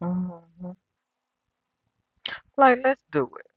Mhm. Like, let's do it.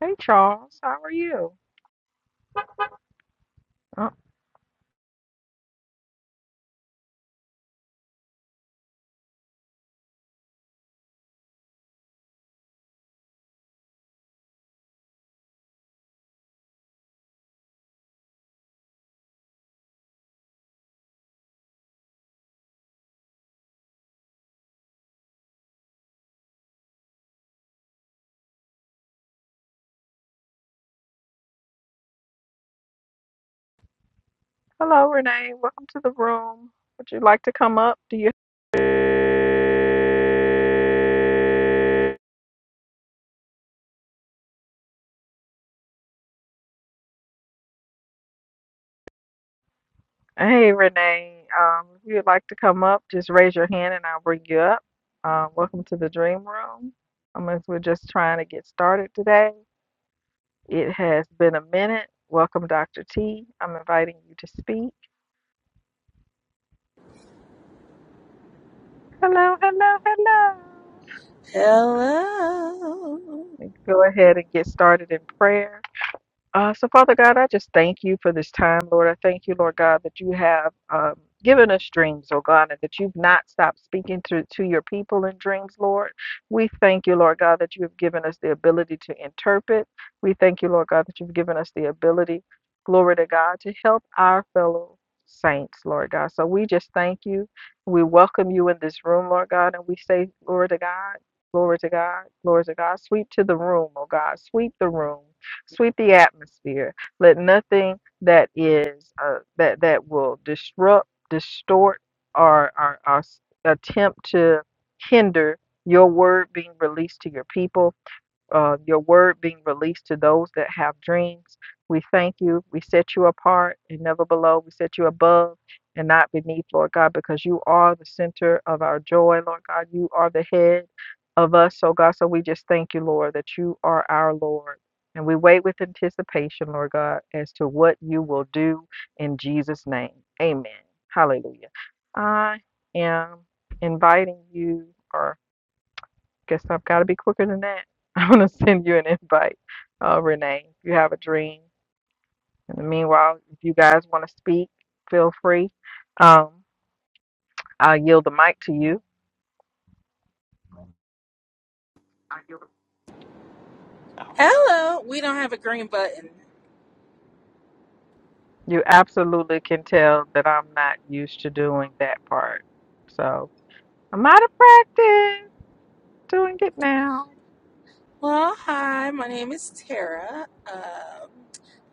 Hey, Charles, how are you? Uh, hello, Renee. Welcome to the room. Would you like to come up? Do you? Hey, Renee. Um, if you'd like to come up, just raise your hand and I'll bring you up. Uh, welcome to the dream room. Um, as we're just trying to get started today, it has been a minute. Welcome, Dr. T. I'm inviting you to speak. Hello, hello, hello. Hello. Go ahead and get started in prayer. Uh, so, Father God, I just thank you for this time, Lord. I thank you, Lord God, that you have um, given us dreams, oh God, and that you've not stopped speaking to, to your people in dreams, Lord. We thank you, Lord God, that you have given us the ability to interpret. We thank you, Lord God, that you've given us the ability, glory to God, to help our fellow saints, Lord God. So, we just thank you. We welcome you in this room, Lord God, and we say, glory to God, glory to God, glory to God. Sweep to the room, oh God, sweep the room. Sweep the atmosphere. Let nothing that is uh, that that will disrupt, distort, or, or, or s- attempt to hinder your word being released to your people uh, your word being released to those that have dreams. We thank you. We set you apart and never below. We set you above and not beneath, Lord God, because you are the center of our joy, Lord God. You are the head of us, so God. So we just thank you, Lord, that you are our Lord. And we wait with anticipation, Lord God, as to what you will do in Jesus' name. Amen. Hallelujah. I am inviting you or Guess I've got to be quicker than that. I'm gonna send you an invite, uh, Renee. If you have a dream. In the meanwhile, if you guys want to speak, feel free. Um, I'll yield the mic to you. Hello. We don't have a green button. You absolutely can tell that I'm not used to doing that part, so I'm out of practice doing it now. Well, hi. My name is Tara. Um,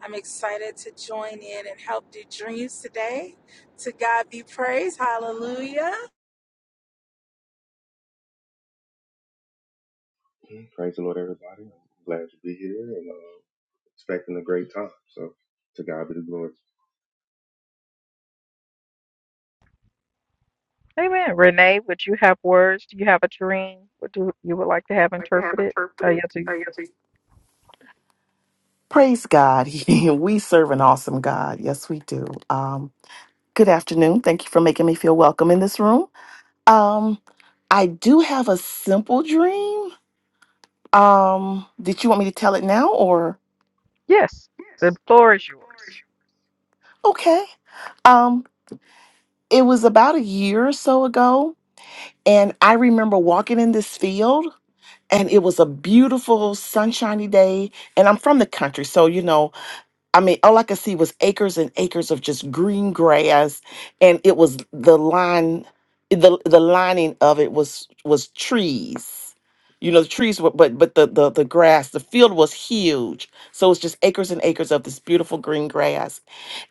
I'm excited to join in and help do dreams today. To God be praised. Hallelujah. Okay, Praise the Lord, everybody. I'm glad to be here and uh, expecting a great time. So to God be the glory. Amen. Renee, would you have words? Do you have a dream? What do you would like to have interpreted? I yield to you. Praise God. we serve an awesome God. Yes, we do. Um, good afternoon. Thank you for making me feel welcome in this room. Um, I do have a simple dream. Um, did you want me to tell it now or? Yes, the floor is yours. Okay. Um, it was about a year or so ago, and I remember walking in this field, and it was a beautiful, sunshiny day. And I'm from the country, so you know I mean, all I could see was acres and acres of just green grass, and it was the line, the the lining of it was was trees. You know, the trees were, but but the the the grass, the field was huge. So it's just acres and acres of this beautiful green grass.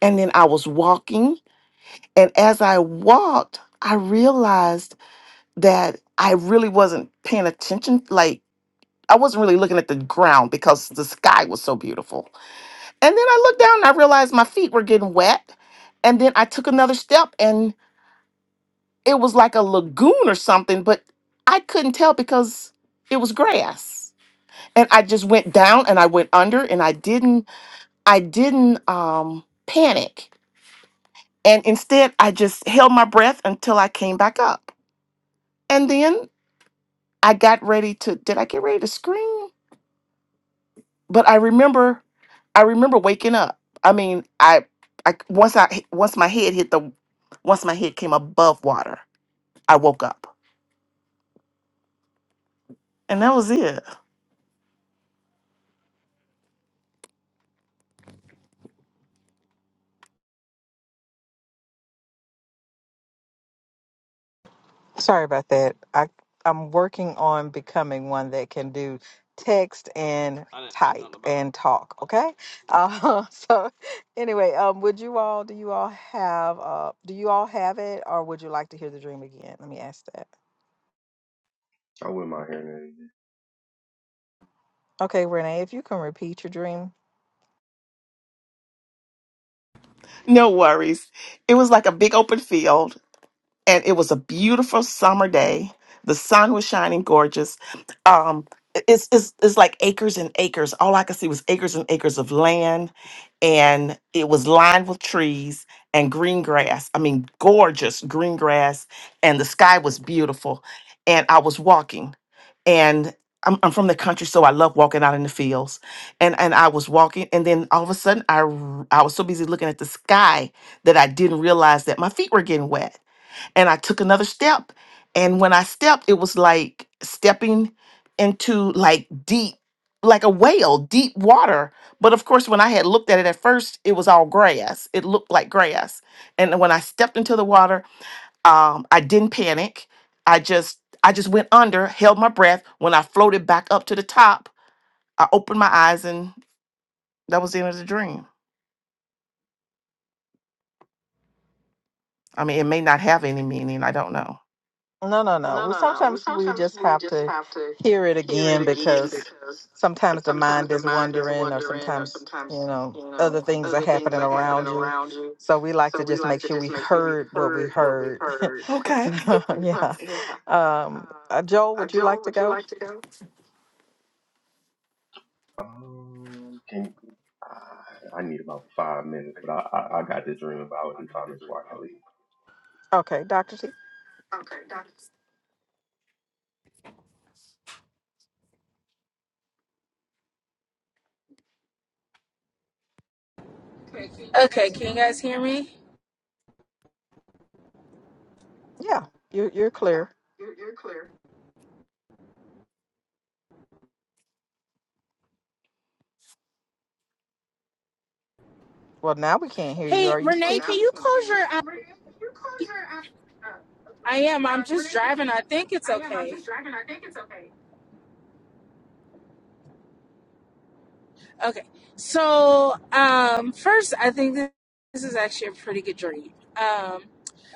And then I was walking, and as I walked, I realized that I really wasn't paying attention. Like I wasn't really looking at the ground because the sky was so beautiful and then I looked down and I realized my feet were getting wet. And then I took another step and it was like a lagoon or something, but I couldn't tell because it was grass. And I just went down and I went under and I didn't I didn't um panic. And instead I just held my breath until I came back up. And then I got ready to did I get ready to scream? but I remember I remember waking up. I mean, I I once I once my head hit the once my head came above water, I woke up. And that was it. Sorry about that. I I'm working on becoming one that can do text and I didn't say nothing type nothing about it. and it. talk. Okay. Uh, so anyway, um, would you all? Do you all have? Uh, do you all have it, or would you like to hear the dream again? Let me ask that. I wouldn't mind hearing that again. Okay, Renee, if you can repeat your dream No worries. It was like a big open field and it was a beautiful summer day. The sun was shining gorgeous. Um, it's it's it's like acres and acres. All I could see was acres and acres of land, and it was lined with trees and green grass. I mean, gorgeous green grass, and the sky was beautiful. And I was walking, and I'm, I'm from the country, so I love walking out in the fields. And and I was walking, and then all of a sudden, I r- I was so busy looking at the sky that I didn't realize that my feet were getting wet and I took another step. And when I stepped, it was like stepping into like deep, like a whale, deep water. But of course, when I had looked at it at first, it was all grass. It looked like grass. And when I stepped into the water, um, I didn't panic. I just, I just went under, held my breath. When I floated back up to the top, I opened my eyes, and that was the end of the dream. I mean, it may not have any meaning. I don't know. No, no, no. Well, sometimes we just have to hear it again because sometimes the mind is wandering, or sometimes you know other things are happening around you. So we like So to we just like make to sure just we make sure we heard what we heard what we heard. heard. Okay. So yeah. Um, uh, Joel, would you like to go? Um, can I, I need about five minutes, but I, I, I got this dream, but I would need five minutes before I can leave. Okay, can you guys hear me? Hey, Renee, can you close your. I, I am. I'm just driving. I think it's okay. Okay. So, um, first, I think this, this is actually a pretty good dream. Um,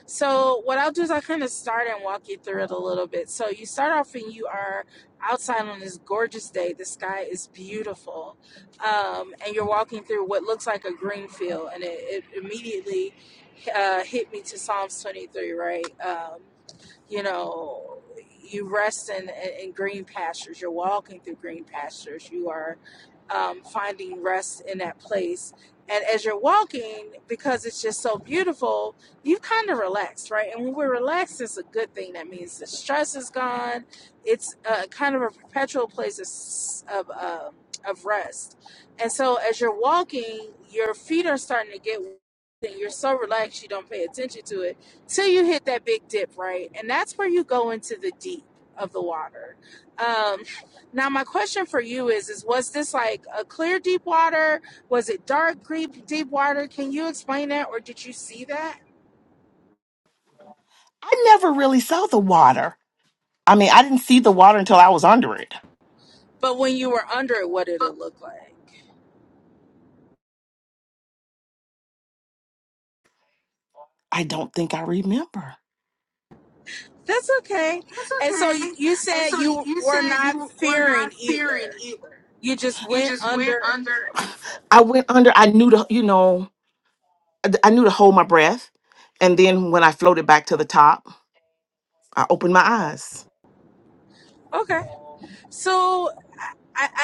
so, what I'll do is I'll kind of start and walk you through it a little bit. So, you start off and you are outside on this gorgeous day. The sky is beautiful. Um, and you're walking through what looks like a green field. And it, it immediately uh, hit me to Psalms 23, right? Um, you know, you rest in, in, in green pastures. You're walking through green pastures. You are um, finding rest in that place. And as you're walking, because it's just so beautiful, you kind of relax, right? And when we're relaxed, it's a good thing. That means the stress is gone. It's a, kind of a perpetual place of s- of, um of rest. And so as you're walking, your feet are starting to get wet, and you're so relaxed you don't pay attention to it till you hit that big dip right and that's where you go into the deep of the water um now, my question for you is: Is was this like a clear deep water? Was it dark deep deep water? Can you explain that, or did you see that? I never really saw the water. I mean, I didn't see the water until I was under it. But when you were under it, what did it look like? I don't think I remember. That's okay. And so you said you were not fearing either. You just went under. I went under, I knew to, you know, I I knew to hold my breath. And then when I floated back to the top, I opened my eyes. Okay. So I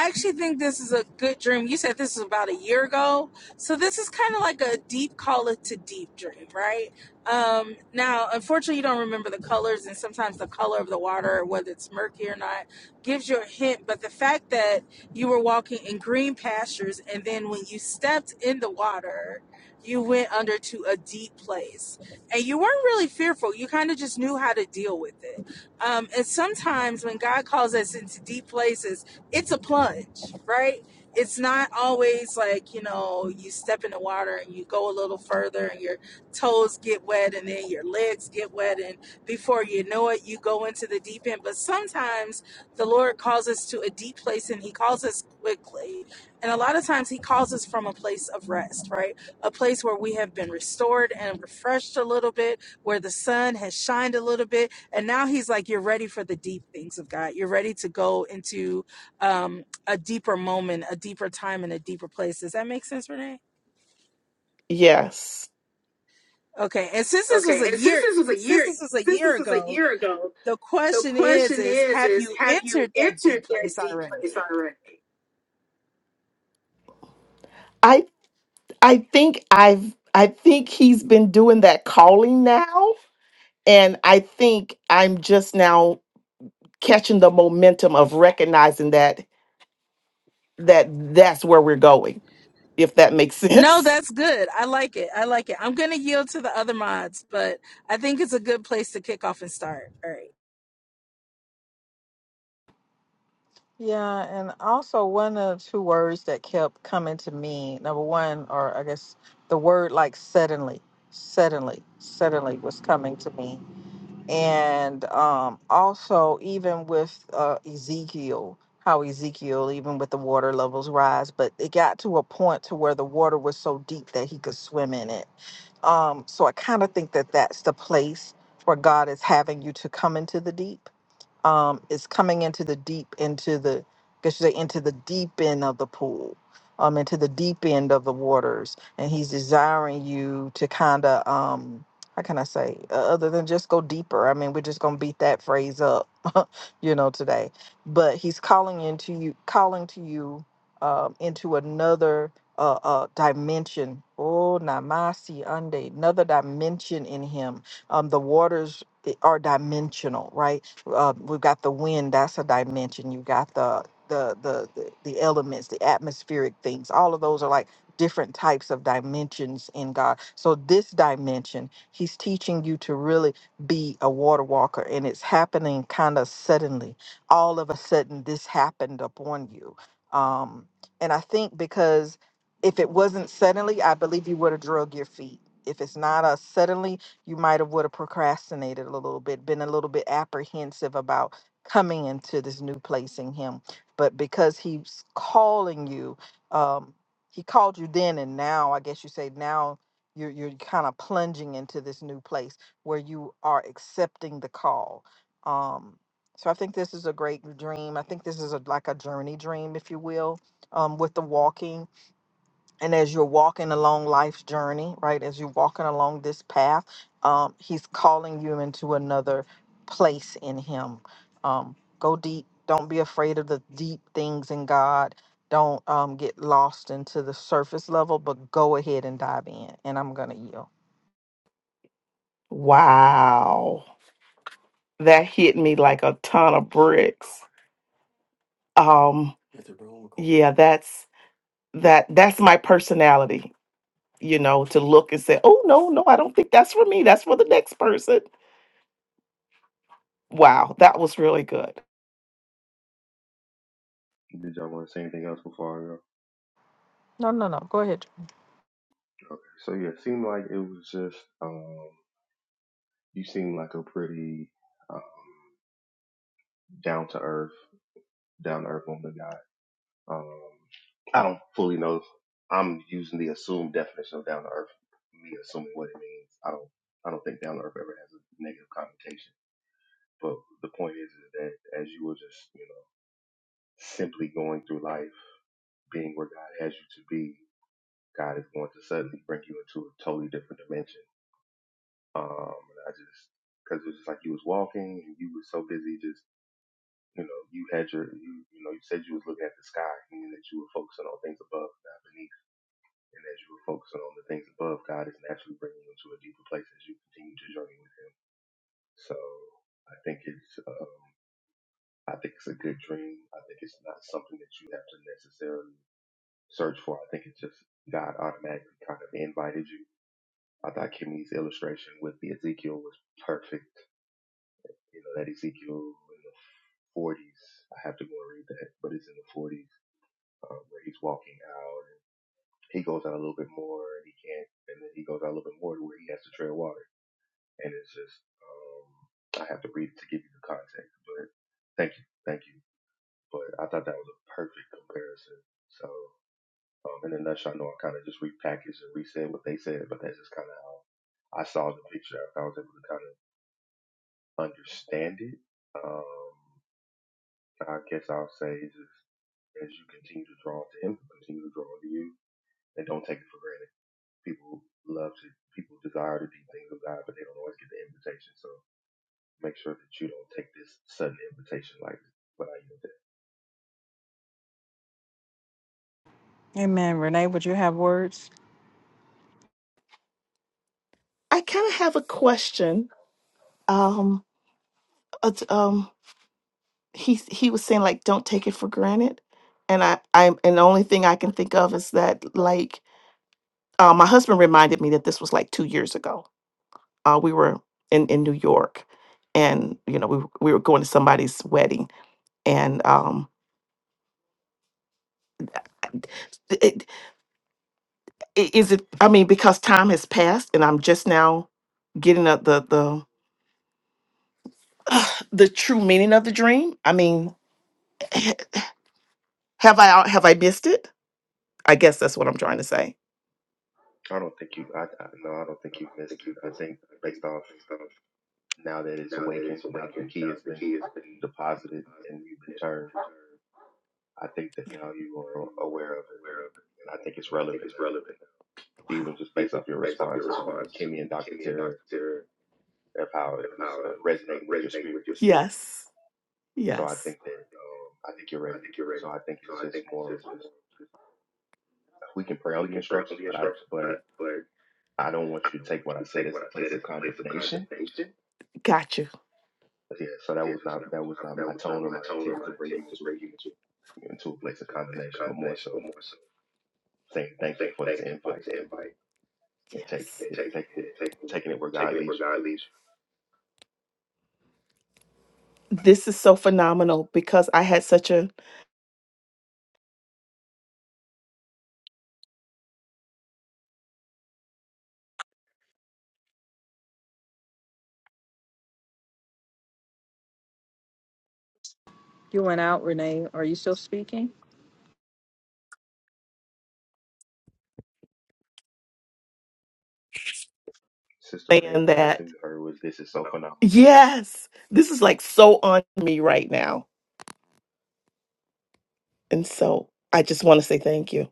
actually think this is a good dream. You said this is about a year ago. So this is kind of like a deep call to deep dream, right? Um, now, unfortunately, you don't remember the colors, and sometimes the color of the water, whether it's murky or not, gives you a hint. But the fact that you were walking in green pastures, and then when you stepped in the water, you went under to a deep place, and you weren't really fearful. You kind of just knew how to deal with it um, and sometimes when God calls us into deep places, it's a plunge, right? It's not always like, you know, you step in the water and you go a little further and your toes get wet and then your legs get wet. And before you know it, you go into the deep end. But sometimes the Lord calls us to a deep place and He calls us quickly. And a lot of times He calls us from a place of rest, right? A place where we have been restored and refreshed a little bit, where the sun has shined a little bit and now he's like, You're ready for the deep things of God. You're ready to go into um, a deeper moment, a deeper time, and a deeper place. Does that make sense, Renee? Yes. Okay. And since this was a year, since this was a year ago, the question is, is have you entered that deep place already? I I think I've I think he's been doing that calling now. And I think I'm just now catching the momentum of recognizing that that that's where we're going, if that makes No, sense. that's good. I like it. I like it. I'm going to yield to the other mods, but I think it's a good place to kick off and start. All right. Wow. that hit me like a ton of bricks. Um, yeah, that's that that's my personality, you know, to look and say, "Oh no, no, I don't think that's for me. That's for the next person." Wow, that was really good. Did y'all want to say anything else before I go? So yeah, it seemed like it was just um, you seemed like a pretty uh, down to earth, down to earth woman. guy. Um, I don't fully know. I'm using the assumed definition of down to earth. Me assuming what it means. I don't. I don't think down to earth ever has a negative connotation. But the point is, is that as you are just, you know, simply going through life, being where God has you to be, God is going to suddenly bring you into a totally different dimension. Um, and I just because it was just like you was walking and you were so busy just. You know, you had your, you, you know, you said you was looking at the sky, meaning that you were focusing on things above, not beneath And as you are focusing on the things above, God is naturally bringing you into a deeper place as you continue to journey with Him. So I think it's, uh, I think it's a good dream. I think it's not something that you have to necessarily search for. I think it's just God automatically kind of invited you. I thought Kimmy's illustration with the Ezekiel was perfect. You know, that Ezekiel in the 40s, I have to go and read that, but it's in the 40s um, where he's walking out and he goes out a little bit more and he can't, and then he goes out a little bit more to where he has to tread water and it's just um, I have to read it to give you the context. But thank you, thank you. But I thought that was a perfect comparison. So um, in a nutshell, I know I kind of just repackaged and resaid what they said, but that's just kind of how I saw the picture. I was able to kind of understand it. Um, I guess I'll say just as you continue to draw to him, continue to draw to you, and don't take it for granted. People love to, people desire to do things of God, but they don't always get the invitation. So make sure that you don't take this sudden invitation lightly. But I yield I kind of have a question. Um, uh, um, he he was saying like don't take it for granted and i i'm and the only thing i can think of is that like uh, my husband reminded me that this was like two years ago uh, we were in in new york and you know we, w- we were going to somebody's wedding and um it, it, is it i mean because time has passed and i'm just now getting a, the the the true meaning of the dream i mean have i have i missed it i guess that's what i'm trying to say it. I don't think you. I, I no. I don't think you missed it. I think based off now that it's awakened, now that the key has been deposited and you've been turned, I think that now you are aware of it, and I think it's relevant now, even wow just based off your response to Kimmy and Dr. Tara of how it was uh, resonating with your spirit. Yes. So I Yes. think that um, I think you're ready. So I think it's just more of just we can pray on the instructions, but I but I don't want you to take what I said as a place of condemnation Got you. But yeah, so that was not that was not my tone or my intent to bring you into a, into a place of condemnation, but more so saying thank you for this invite and taking Yes. it and taking you taking it where God leads This is so phenomenal because I had such a You went out, Renee. Are you still speaking? you. Sister Renee, fan the last that thing we heard was this is so phenomenal. yes, this is like so on me right now. And so I just want to say thank you.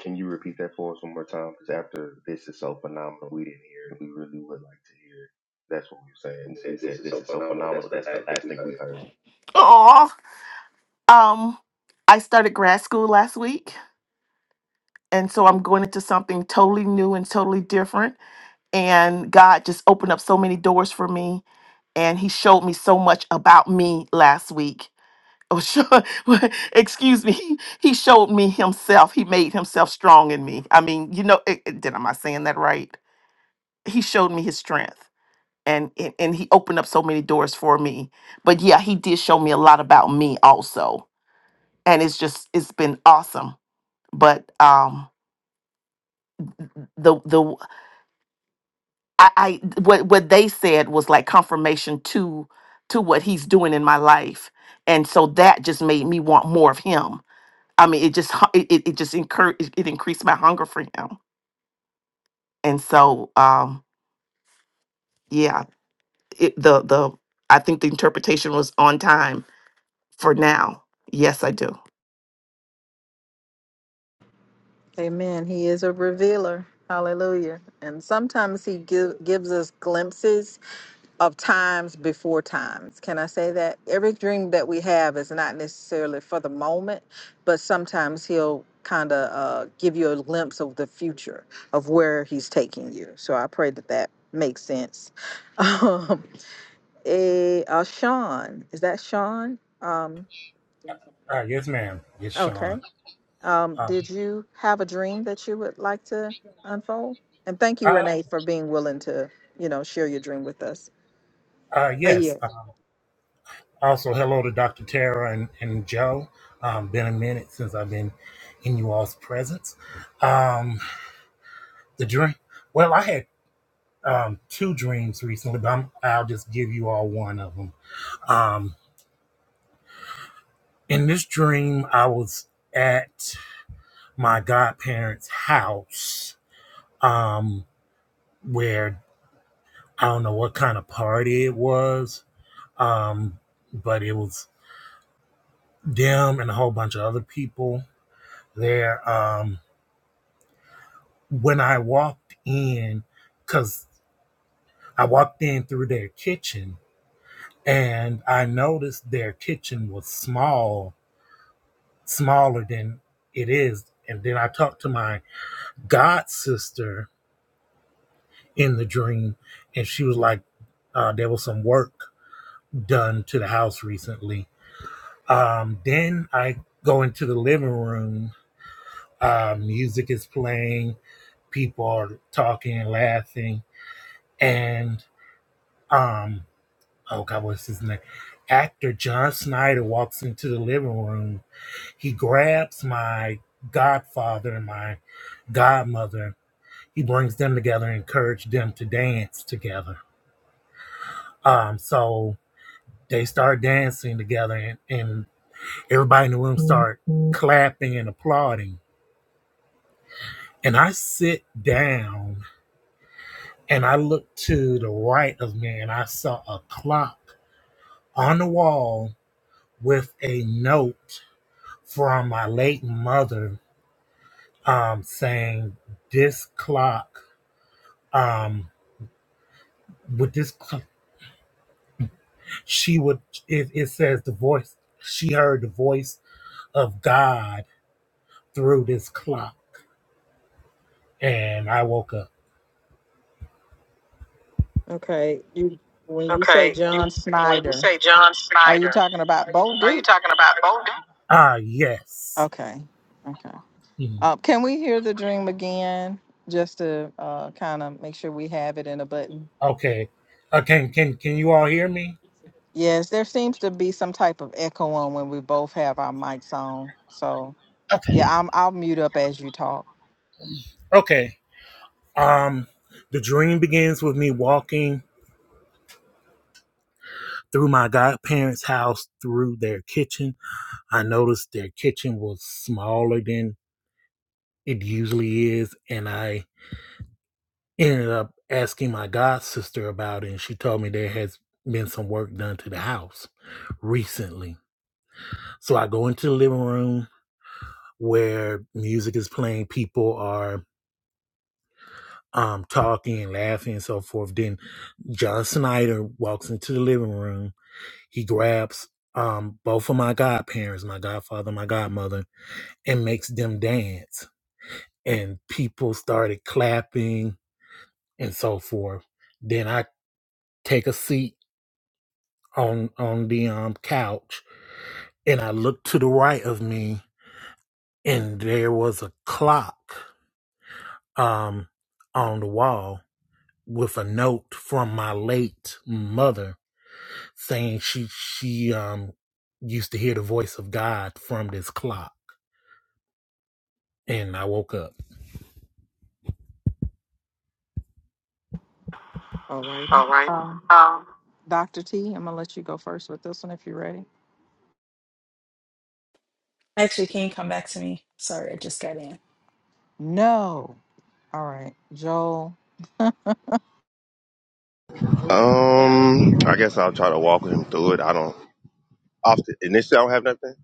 Can you repeat that for us one more time? Because after this is so phenomenal, we didn't hear it. We really would like to hear. it. That's what we were saying when we said this is so phenomenal. That's the last thing we heard. Aw. Um I started grad school last week and so I'm going into something totally new and totally different. and God just opened up so many doors for me. And He showed me so much about me last week. Oh, sure. Excuse me. He, he showed me Himself. He made Himself strong in me. I mean, you know, it, it- did am I saying that right? He showed me His strength. And, and and he opened up so many doors for me but yeah he did show me a lot about me also and it's just it's been awesome but um the the I, I what what they said was like confirmation to to what he's doing in my life, and so that just made me want more of him. I mean, it just hu- it it it just incur it, it increased my hunger for him, and so um yeah, it, the the I think the interpretation was on time for now. Yes, I do. Uh, yes, ma'am. It's Sean. Uh, uh, uh, yes. Uh, also, hello to Dr. Tara and, and Joe. Um, been a minute since I've been in you all's presence. Um, the dream. Well, I had um, two dreams recently, but I'm, I'll just give you all one of them. Um, in this dream, I was at my godparents' house, um, where I don't know what kind of party it was, um, but it was them and a whole bunch of other people there. Um, when I walked in, because I walked in through their kitchen and I noticed their kitchen was small, smaller than it is. And then I talked to my god sister in the dream, and she was like, uh, there was some work done to the house recently. Um, then I go into the living room. Uh, music is playing people are talking and laughing. And um, oh God, what's his name? Actor John Snyder walks into the living room. He grabs my godfather and my godmother. He brings them together and encourages them to dance together. Um, so they start dancing together and, and everybody in the room start clapping and applauding. And I sit down and I look to the right of me and I saw a clock on the wall with a note from my late mother um, saying this clock um, with this cl- she would it, it says the voice she heard the voice of god through this clock and i woke up ah yes Mhm. okay uh, can, can can you all hear me okay um the dream begins with me walking through my godparents house through their kitchen I noticed their kitchen was smaller than it usually is, and I ended up asking my god sister about it, and she told me there has been some work done to the house recently. So I go into the living room where music is playing, people are um talking and laughing and so forth. Then John Snyder walks into the living room. He grabs um both of my godparents, my godfather, my godmother, and makes them dance and people started clapping and so forth. Then I take a seat on on the um couch and I looked to the right of me and there was a clock um on the wall with a note from my late mother saying she she um used to hear the voice of God from this clock and I woke up. Actually, can you come back to me? Sorry, I just got in. Um, I guess I'll try to walk him through it. I don't often initially I don't have nothing.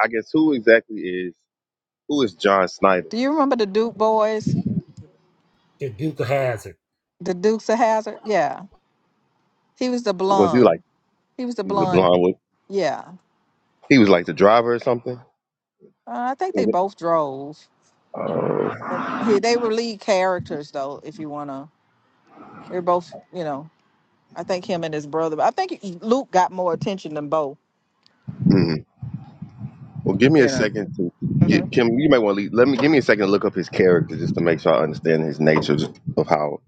I guess who exactly is who is John Snyder? The Duke of Hazard. Was he like he was a blonde? Was, he was like the driver or something. Uh, hmm. Well, give me a second to get Kim. You might want to leave. let me give me a second to look up his character just to make sure I understand his nature just of how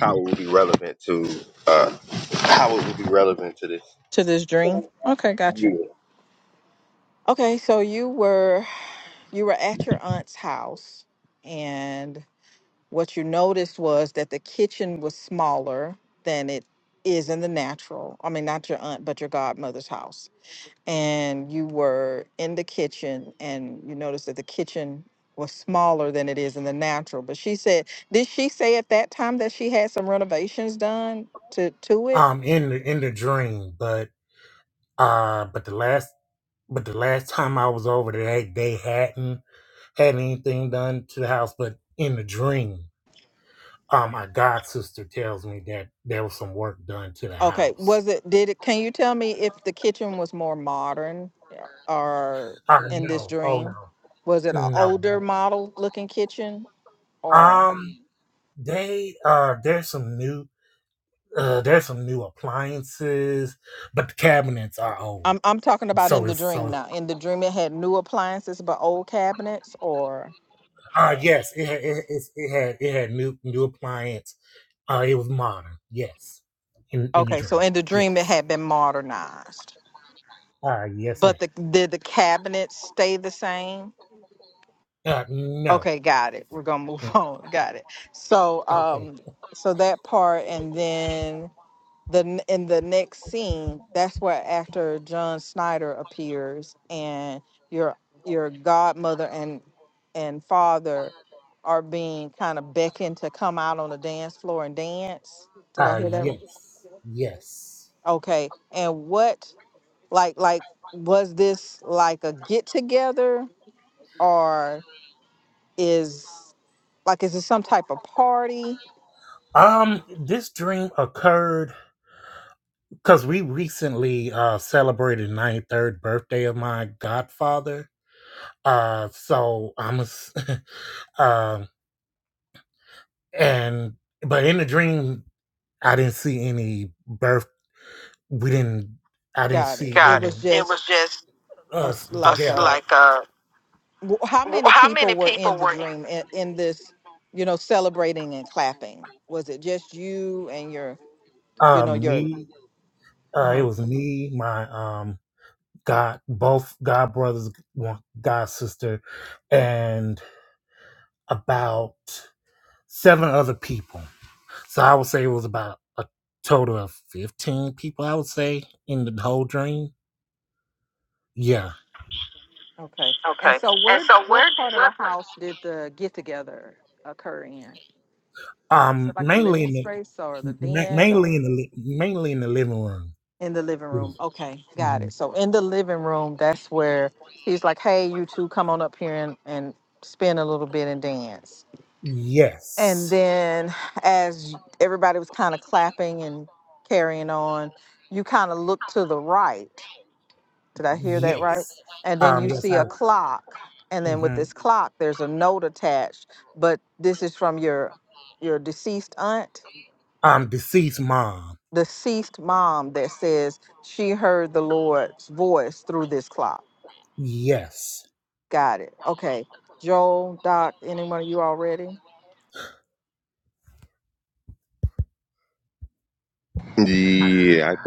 how it would be relevant to uh how it would be relevant to this. Yeah. Um in the in the dream, but uh but the last But the last time I was over there, they, they hadn't had anything done to the house. But in the dream, um, my god sister tells me that there was some work done to the house. Oh no! Oh no! No! no. Um, they uh, there's some new uh, there's some new appliances, but the cabinets are old. So it's so it's, uh yes, it had it, it's- it had it had new new appliance. Uh, it was modern. Yes, in in the dream. Yes. Uh, yes, ma'am. Uh, no. Mm. Okay. Uh, yes. Yes. Um, this dream occurred because we recently uh celebrated 93rd birthday of my godfather. Uh, so I'm a, s- um, and but in the dream, I didn't see any birth. We didn't. I didn't see. Got it. any- It was just us us together. like a. um me. Uh, it was me. My um. God, both God brothers, one God sister, and about seven other people. So I would say it was about a total of fifteen people. I would say in the whole dream. Yeah. Um, mainly in the ma- mainly in the li- mainly in the living room. Mhm. Yes. Yes. Um. Yes. I. Mm-hmm. Um, deceased mom. Yes.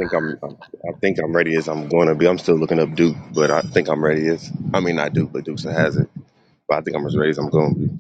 I think I'm think I'm ready as I'm going to be. I'm still looking up Duke, but I think I'm ready as I mean not Duke, but Duke's has it. But I think I'm as ready as I'm going to be.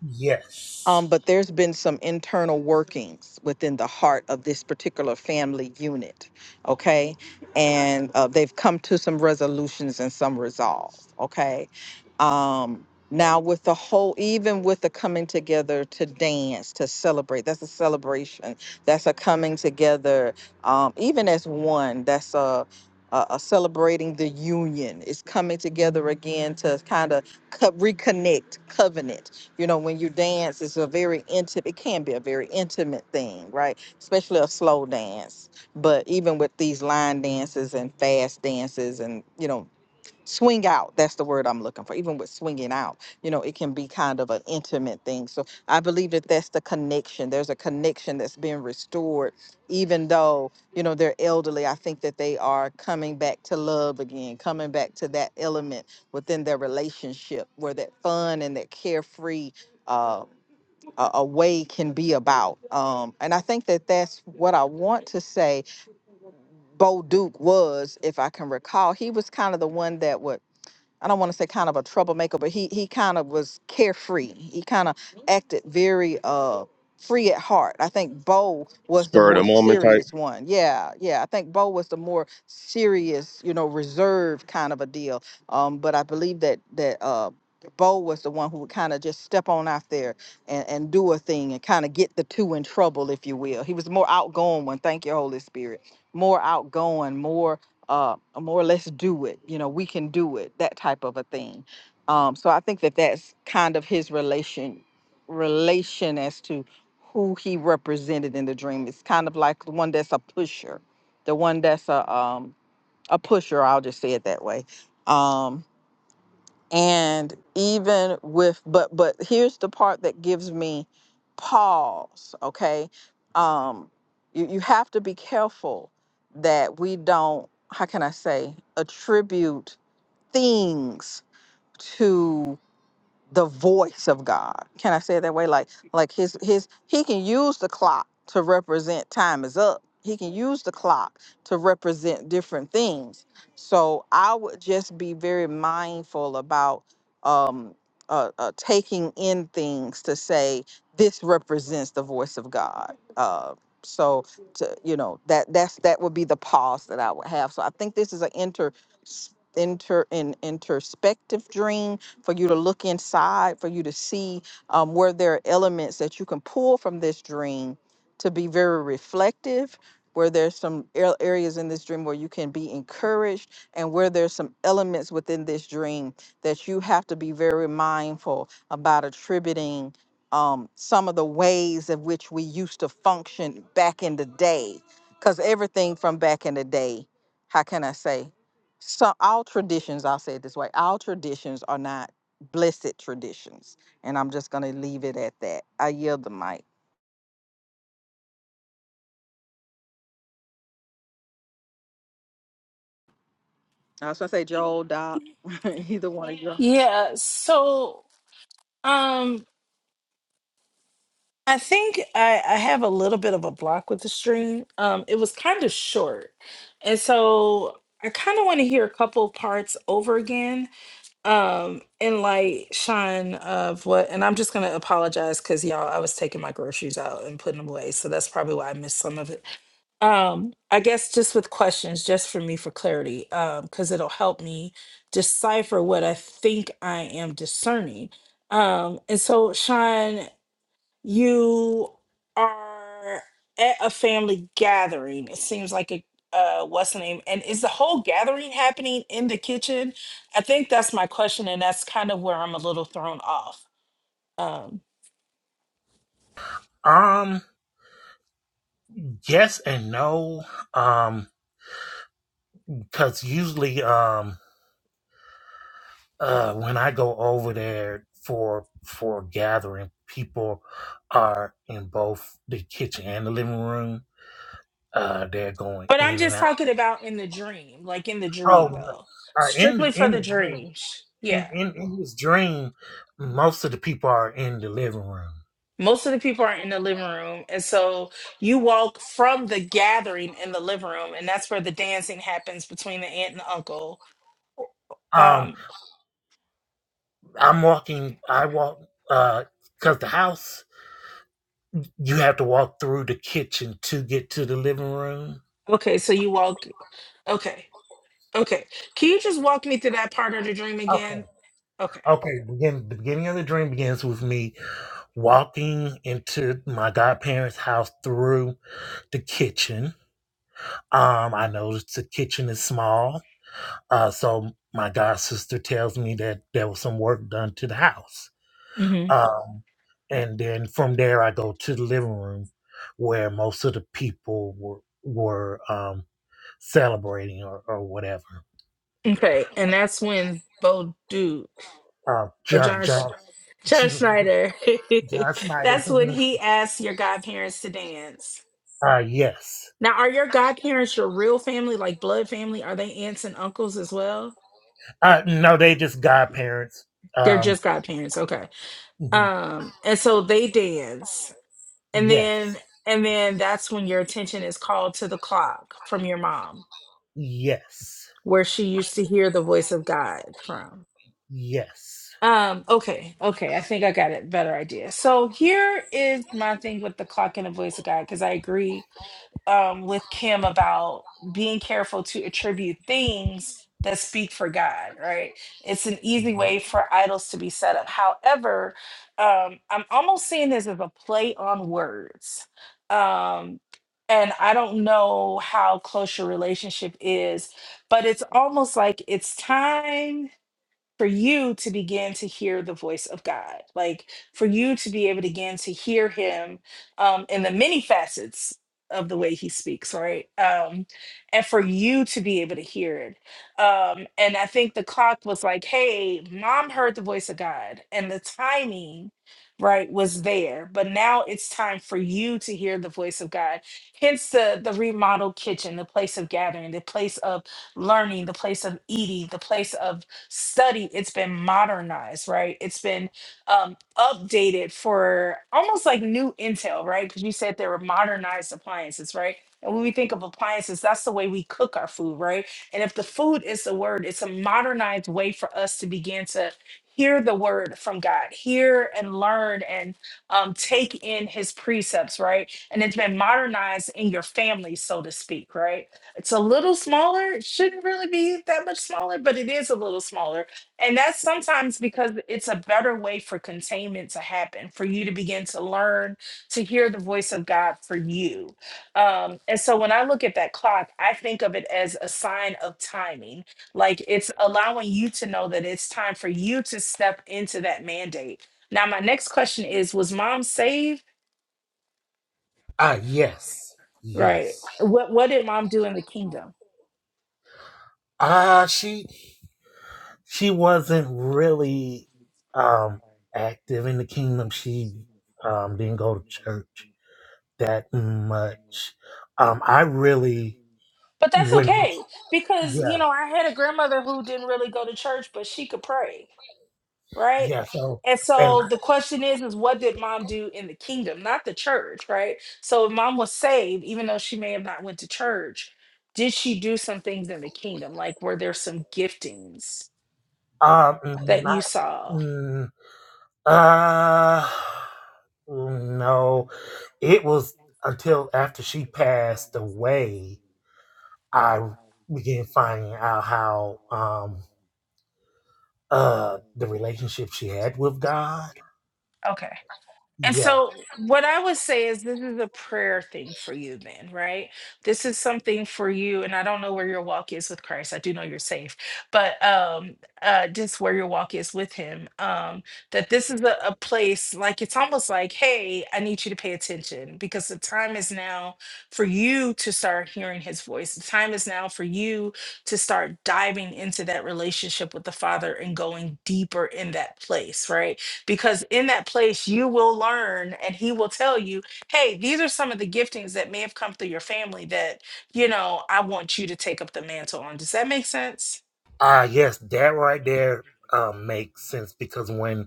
Yes. Spur of the moment type. Yeah, so um I think I, I have a little bit of a block with the stream. Um it was kind of short. And so I kind of want to hear a couple parts over again. Um in light shine of what and I'm just gonna apologize because y'all I was taking my groceries out and putting them away. So that's probably why I missed some of it. Um, I guess just with questions, just for me for clarity, um, because it'll help me decipher what I think I am discerning. Um, and so, Sean, you are at a family gathering. It seems like a uh, what's the name? And is the whole gathering happening in the kitchen? I think that's my question, and that's kind of where I'm a little thrown off. Um, Um, yes and no. Um, because usually, um, uh, when I go over there for for a gathering, people are in both the kitchen and the living room. Uh, they're going but I'm in and just out. talking about in the dream, like in the dream, Oh, though uh, in strictly the for in the the dream, dreams. in, Yeah. in in this dream, most of the people are in the living room. Most of the people are in the living room. And so you walk from the gathering in the living room, and that's where the dancing happens between the aunt and the uncle. Um, Um, I'm walking. I walk. Uh, cause the house You have to walk through the kitchen to get to the living room. okay, so you walk. Okay, okay. Can you just walk me through that part of the dream Okay. again? Okay. Okay, begin, the beginning of the dream begins with me walking into my godparents' house through the kitchen. Um, I noticed the kitchen is small, uh, so my god sister tells me that there was some work done to the house. hmm Um, and then from there, I go to the living room where most of the people were were. um. celebrating or, or whatever. Okay, and that's when Bo Duke Uh, or John, John, Sch- John, John John, Schneider, John that's when Snyder. he asks your godparents to dance. Uh, yes. Now, are your godparents your real family, like blood family? Are they aunts and uncles as well? Uh, no, they just godparents. They're Um, just godparents, okay. mhm. Um, and so they dance, and yes, then and then that's when your attention is called to the clock from your mom, yes, where she used to hear the voice of God from. yes. Um, okay, okay, I think I got a better idea. So here is my thing with the clock and the voice of God, because I agree um, with Kim about being careful to attribute things that speak for God, right? It's an easy way for idols to be set up. However, um, I'm almost seeing this as a play on words. Um, and I don't know how close your relationship is, but it's almost like it's time for you to begin to hear the voice of God, like for you to be able to begin to hear Him um, in the many facets of the way He speaks, right? Um, and for you to be able to hear it. Um, and I think the clock was like, hey, mom heard the voice of God, and the timing, right, was there. But now it's time for you to hear the voice of God. Hence the, the remodeled kitchen, the place of gathering, the place of learning, the place of eating, the place of studied, it's been modernized, right? It's been um, updated for almost like new intel, right? Because you said there were modernized appliances, right? And when we think of appliances, that's the way we cook our food, right? And if the food is the word, it's a modernized way for us to begin to hear the word from God, hear and learn and um, take in his precepts, right? And it's been modernized in your family, so to speak, right? It's a little smaller. It shouldn't really be that much smaller, but it is a little smaller. And that's sometimes because it's a better way for containment to happen, for you to begin to learn to hear the voice of God for you. Um, and so when I look at that clock, I think of it as a sign of timing. Like it's allowing you to know that it's time for you to step into that mandate. Now, my next question is Was mom saved? Ah, Uh, yes, Right. yes. What, what did mom do in the kingdom? Ah, Uh, she, she wasn't really, um, active in the kingdom. She, um, didn't go to church. that much. Um, I really But that's when okay because, you yeah know, I had a grandmother who didn't really go to church, but she could pray, right? yeah so And and so the question is, is what did mom do in the kingdom, not the church, right? So if mom was saved, even though she may have not went to church, did she do some things in the kingdom? Like were there some giftings um that you not saw? mm, uh no it was until after she passed away I began finding out how um uh the relationship she had with God Okay. And yeah so, what I would say is, this is a prayer thing for you, then, right? This is something for you. And I don't know where your walk is with Christ. I do know you're safe, but um, uh, just where your walk is with Him. Um, that this is a, a place like it's almost like, hey, I need you to pay attention because the time is now for you to start hearing His voice. The time is now for you to start diving into that relationship with the Father and going deeper in that place, right? because in that place you will learn and he will tell you hey these are some of the giftings that may have come through your family that you know i want you to take up the mantle on does that make sense uh yes that right there um makes sense because when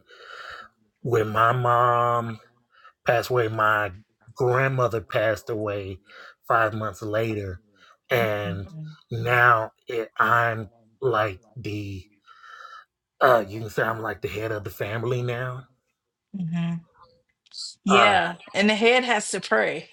When my mom passed away, my grandmother passed away five months later, and mm-hmm. now it, I'm like the uh, you can say I'm like the head of the family now. Uh, yeah and the head has to pray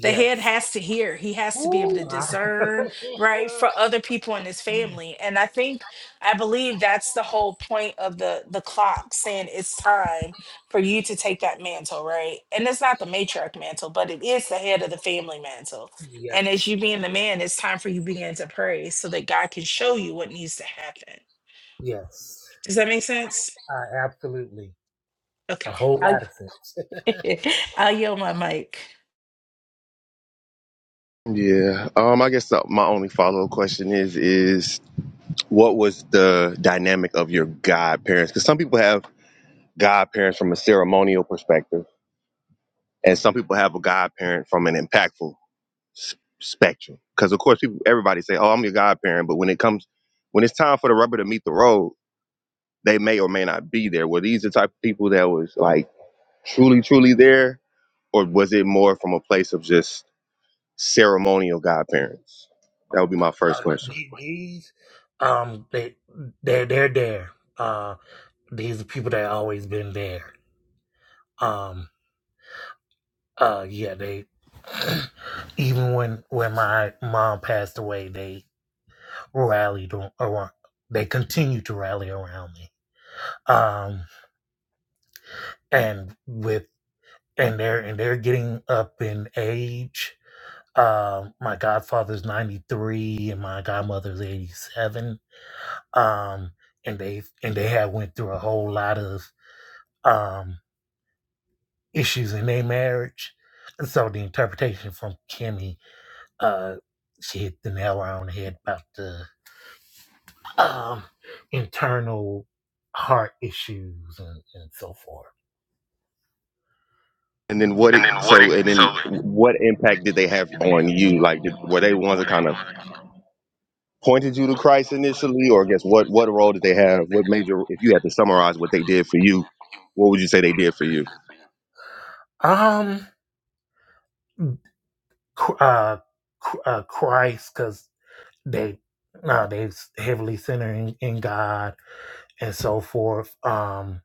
the head has to hear he has to be able to discern right for other people in his family and i think i believe that's the whole point of the the clock saying it's time for you to take that mantle right and it's not the matriarch mantle but it is the head of the family mantle and as yes, you being the man it's time for you begin to pray so that god can show you what needs to happen yes. does that make sense I absolutely a okay whole i'll, lot of sense. I'll yell my mic Yeah. Um. I guess uh my only follow up question is is what was the dynamic of your godparents? Because some people have godparents from a ceremonial perspective, and some people have a godparent from an impactful s- spectrum. Because of course, people everybody say, "Oh, I'm your godparent," but when it comes, when it's time for the rubber to meet the road, they may or may not be there. Were these the type of people that was like truly, truly there, or was it more from a place of just ceremonial godparents? That would be my first Uh, question. these um, they they're they're there. Uh, these are people that always been there. Um, uh, yeah, they even when when my mom passed away, they rallied around. They continue to rally around me. Um, and with and they're and they're getting up in age. Um, my godfather's ninety three and my godmother's eighty seven. Um, and they and they had went through a whole lot of um issues in their marriage. So the interpretation from Kimmy Uh, she hit the nail on the head about the um, internal heart issues and, and so forth. And then what? It, so and then what impact did they have on you? Like, did, were they the ones that kind of pointed you to Christ initially, or I guess what what role did they have? What major? If you had to summarize what they did for you, what would you say they did for you? Um, Ch- uh, Ch- uh Christ, because they no, they s- heavily centered in, in God and so forth. Um,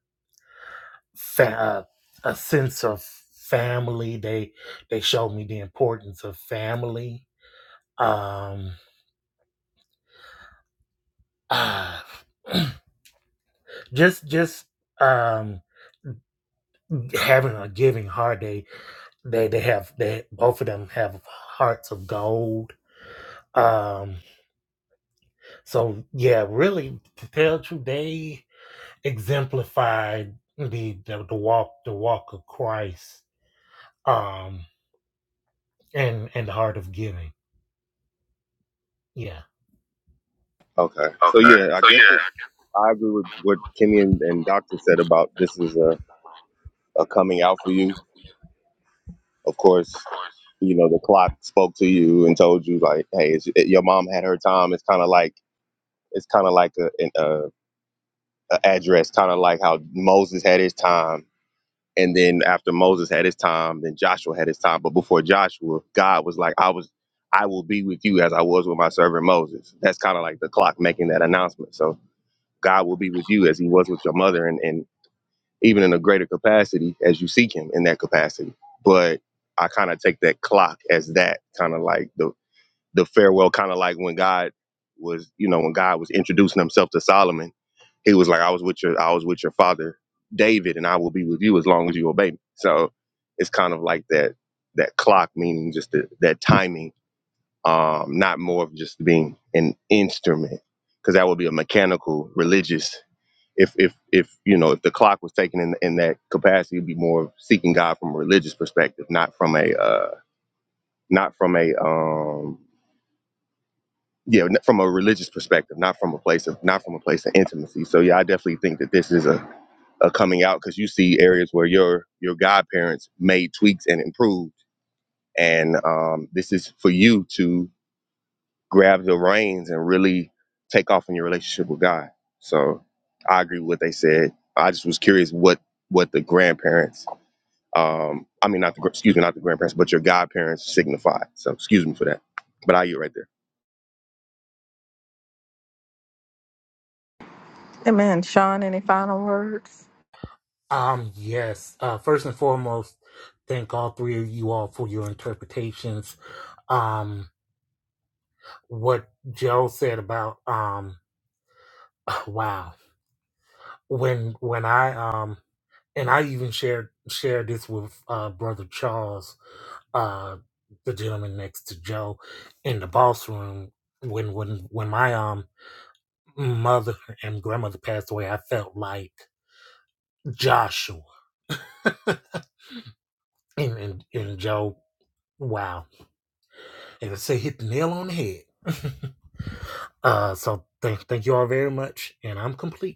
fa- uh, a sense of family. They they showed me the importance of family. Um, ah, just just um having a giving heart. They they have they both of them have hearts of gold. Um, so yeah, really to tell the they exemplified the, the the walk the walk of Christ. Um, and and the heart of giving. Yeah. Okay, so yeah, I guess it, I agree with what Kimmy and, and Doctor said about this is a, a coming out for you. Of course, you know the clock spoke to you and told you like, hey, it's, it, your mom had her time. It's kind of like it's kind of like a, an a, a address, kind of like how Moses had his time And then after Moses had his time, then Joshua had his time. But before Joshua, God was like, I was I will be with you as I was with my servant Moses. That's kind of like the clock making that announcement. So God will be with you as he was with your mother and, and even in a greater capacity as you seek him in that capacity. But I kind of take that clock as that kind of like the the farewell, kind of like when God was, you know, when God was introducing himself to Solomon, he was like, I was with your I was with your father David and I will be with you as long as you obey me. So it's kind of like that that clock meaning just the, that timing, um, not more of just being an instrument. Cause that would be a mechanical religious if if if you know if the clock was taken in in that capacity, it'd be more of seeking God from a religious perspective, not from a uh not from a um yeah, n- from a religious perspective, not from a place of not from a place of intimacy. So yeah, I definitely think that this is a, a coming out because you see areas where your your godparents made tweaks and improved, and um, this is for you to grab the reins and really take off in your relationship with God. So I agree with what they said. I just was curious what what the grandparents, um, I mean not the gr- excuse me, not the grandparents, but your godparents signify. So excuse me for that, but I you right there. Um. Yes. Uh. First and foremost, thank all three of you all for your interpretations. Um. What Joe said about um. Wow. when when I um and I even shared shared this with uh, brother Charles, uh, the gentleman next to Joe, in the boss room when when when my um mother and grandmother passed away. I felt like Joshua and and, and Joe. Wow, and I say hit the nail on the head. Uh, so thank thank you all very much, and I'm complete.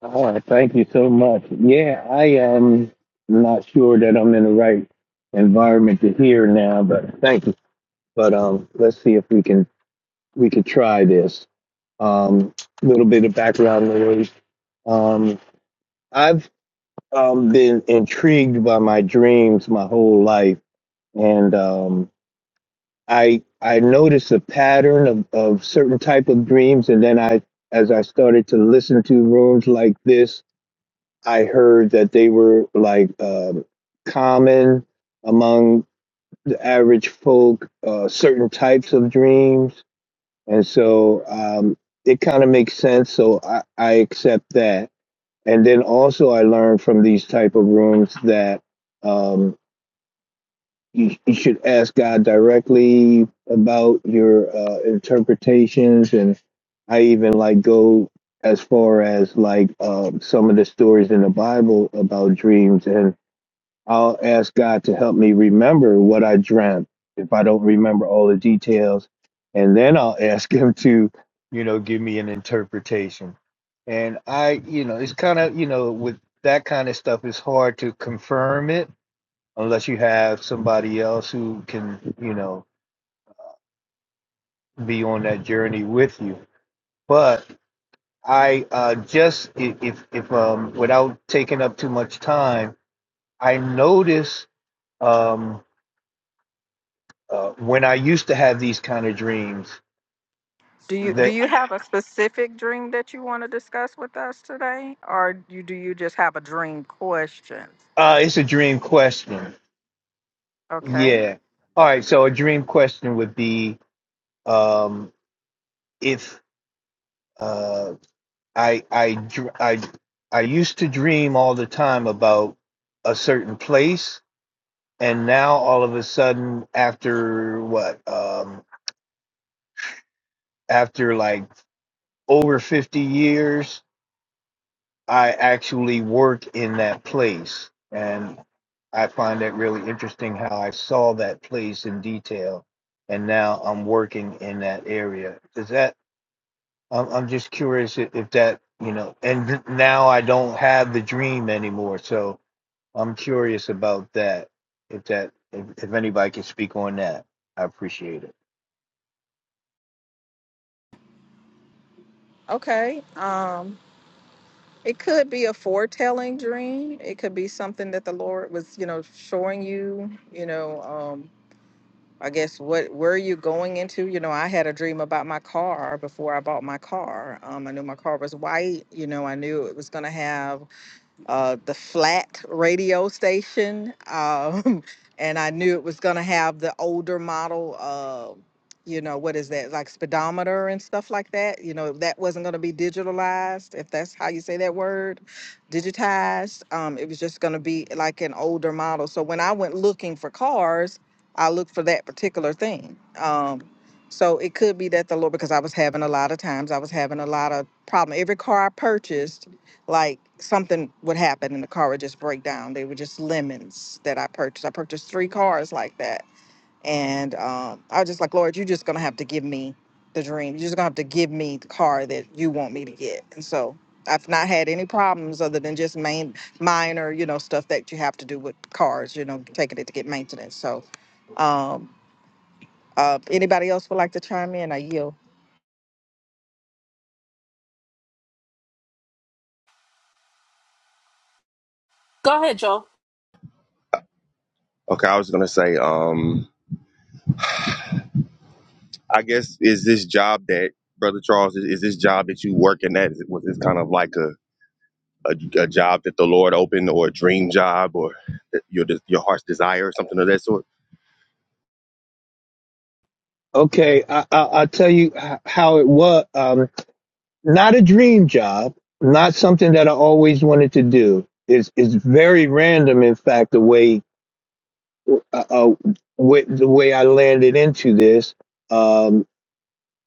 All right, thank you so much. Yeah, I am not sure that I'm in the right environment to hear now, but thank you. But um, let's see if we can we could try this. Um, little bit of background noise. Um, I've um, been intrigued by my dreams my whole life, and um, I I noticed a pattern of, of certain type of dreams, and then I as I started to listen to rooms like this I heard that they were like um, common among the average folk, uh, certain types of dreams. And so um, it kind of makes sense. So I, I accept that. And then also, I learned from these type of rooms that um, you, you should ask God directly about your uh, interpretations. And I even like go as far as like um, some of the stories in the Bible about dreams and I'll ask God to help me remember what I dreamt if I don't remember all the details. And then I'll ask him to, you know, give me an interpretation. And I, you know, it's kind of, you know, with that kind of stuff, it's hard to confirm it unless you have somebody else who can, you know, be on that journey with you. But I uh, just, i- if, if, um, without taking up too much time, I notice. um. Uh, when I used to have these kind of dreams, they, uh, it's a dream question. Yeah. All right. So a dream question would be um, if uh, I, I, dr- I, I used to dream all the time about a certain place. And now all of a sudden, after what, um, after like over 50 years, I actually work in that place. And I find that really interesting how I saw that place in detail. And now I'm working in that area. Does that, I'm, I'm just curious if, if that, you know, and th- now I don't have the dream anymore. So I'm curious about that. If that, if, if anybody can speak on that, I appreciate it. Go ahead, Joel. Okay, I was gonna say. um I guess is this job that brother Charles is, is this job that you working at? Is it, was this kind of like a, a a job that the Lord opened, or a dream job, or that your de- your heart's desire, or something of that sort? Okay, I, I, I'll tell you h- how it was. Um, not a dream job, not something that I always wanted to do. It's it's very random, in fact, the way uh, uh, with the way I landed into this. Um,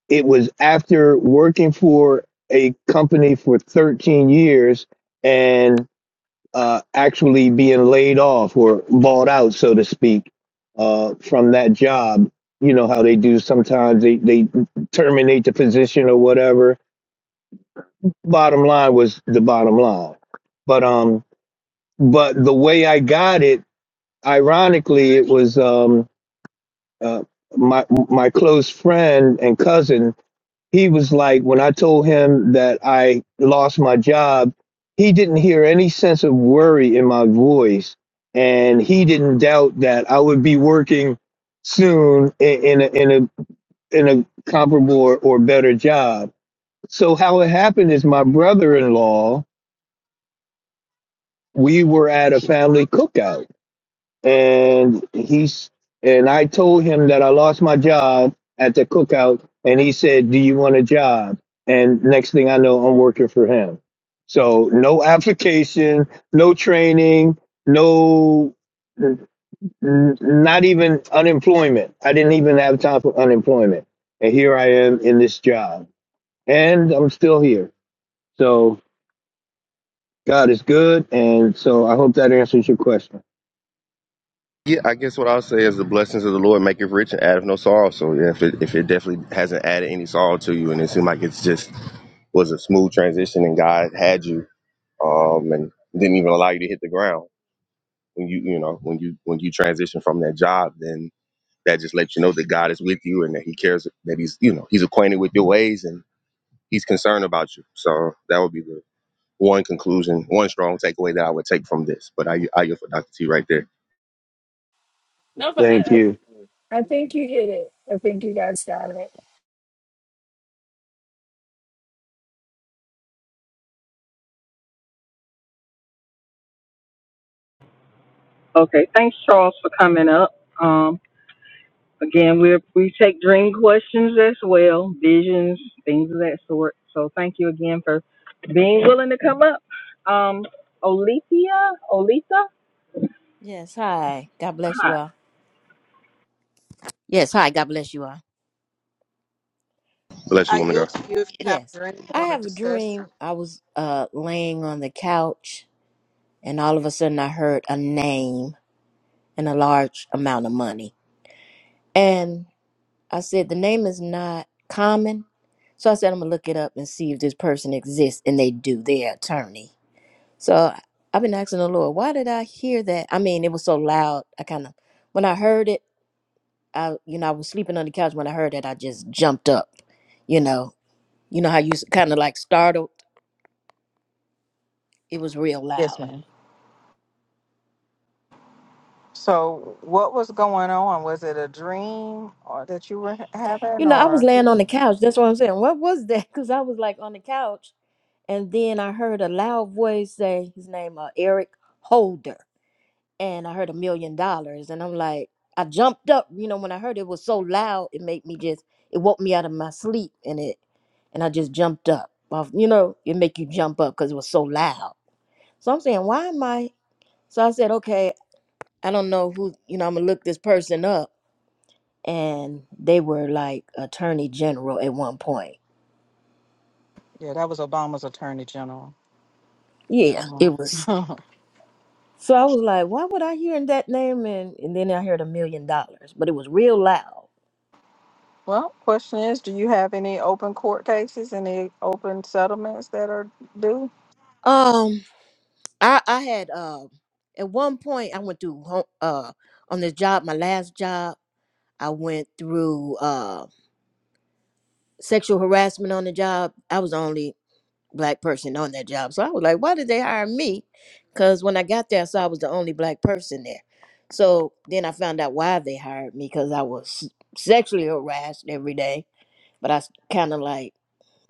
it was after working for a company for 13 years and uh, actually being laid off or bought out, so to speak, uh, from that job. You know how they do sometimes they, they terminate the position or whatever bottom line was the bottom line. But um, but the way I got it, ironically, it was um, uh, my my close friend and cousin. He was like, when I told him that I lost my job, he didn't hear any sense of worry in my voice, and he didn't doubt that I would be working soon in, in a in a in a comparable or, or better job. So how it happened is my brother-in-law we were at a family cookout and he's and I told him that I lost my job at the cookout and he said, "Do you want a job?" And next thing I know, I'm working for him. So no application, no training, no n- not even unemployment. I didn't even have time for unemployment. And here I am in this job. And I'm still here. So God is good and so I hope that answers your question. Yeah, I guess what I'll say is the blessings of the Lord make it rich and add of no sorrow. So yeah, if it if it definitely hasn't added any sorrow to you, and it seemed like it's just was a smooth transition, and God had you, um, and didn't even allow you to hit the ground when you you know when you when you transition from that job, then That just lets you know that God is with you and that He cares, that He's, you know, He's acquainted with your ways and He's concerned about you. So that would be the one conclusion, one strong takeaway that I would take from this. But I, I yield for Dr. T right there, no but I, Thank I you. i think you hit it i think you guys got it Okay, thanks, Charles, for coming up. Again, we we take dream questions as well, visions, things of that sort. So thank you again for being willing to come up. Um, Olithia, Olitha, Yes, hi. God bless hi, you all. Yes, hi. God bless you all. unless you want to go. Yes. I have a dream. I was uh laying on the couch and all of a sudden I heard a name and a large amount of money. And I said the name is not common. So I said I'm going to look it up and see if this person exists and they do. They're an attorney. So I've been asking the Lord, why did I hear that? I mean, it was so loud. I kind of when I heard it, I you know, I was sleeping on the couch when I heard that. I just jumped up you know You know how you kind of like startled? It was real loud. You know, I was laying on the couch. That's what I'm saying. What was that? Because I was like on the couch, and then I heard a loud voice say his name, uh, Eric Holder, and I heard a million dollars, and I'm like, I jumped up. You know, when I heard it was so loud, it made me just, it woke me out of my sleep, and it, and I just jumped up. Off, you know, it make you jump up because it was so loud. So I'm saying, why am I? So I said, okay, I don't know who. You know, I'm gonna look this person up and they were like attorney general at one point. Yeah, it was. So I was like, why would I hear that name? And, and then I heard a million dollars, but it was real loud. Um, I I had um at one point I went through ho- uh on this job, my last job, I went through uh sexual harassment on the job. I was only black person on that job. So I was like, why did they hire me? Because when I got there, I saw I was the only black person there. So then I found out why they hired me because I was sexually harassed every day, but I kind of like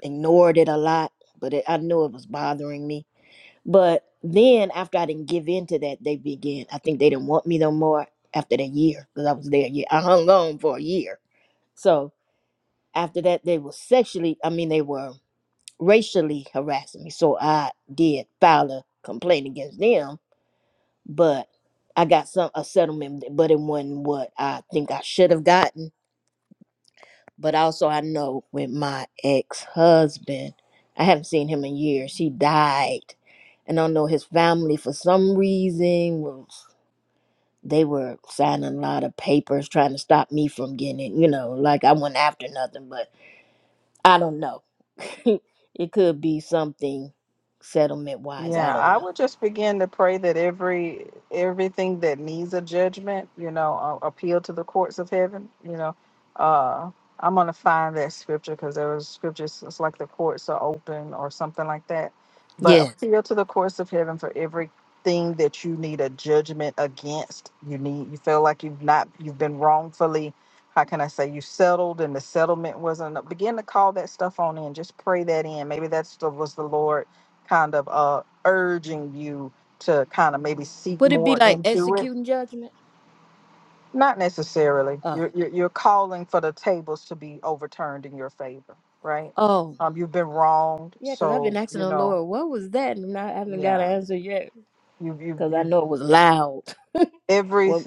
ignored it a lot, but it, I knew it was bothering me. But then after I didn't give in to that, they began. I think they didn't want me no more after that year because I was there. a year. I hung on for a year. So after that, they were sexually, I mean, they were racially harassing me. So I did file a complaint against them, but I got some a settlement, but it wasn't what I think I should have gotten. But also I know with my ex husband, I haven't seen him in years. He died. And I know his family for some reason was they were signing a lot of papers trying to stop me from getting it, you know, like I went after nothing, but I don't know. it could be something settlement wise. I don't know. Yes. Would it be like executing judgment? Oh, Oh, yeah, because I've been asking the Lord, what was that? And I haven't got an answer yet because I know it was loud. Well,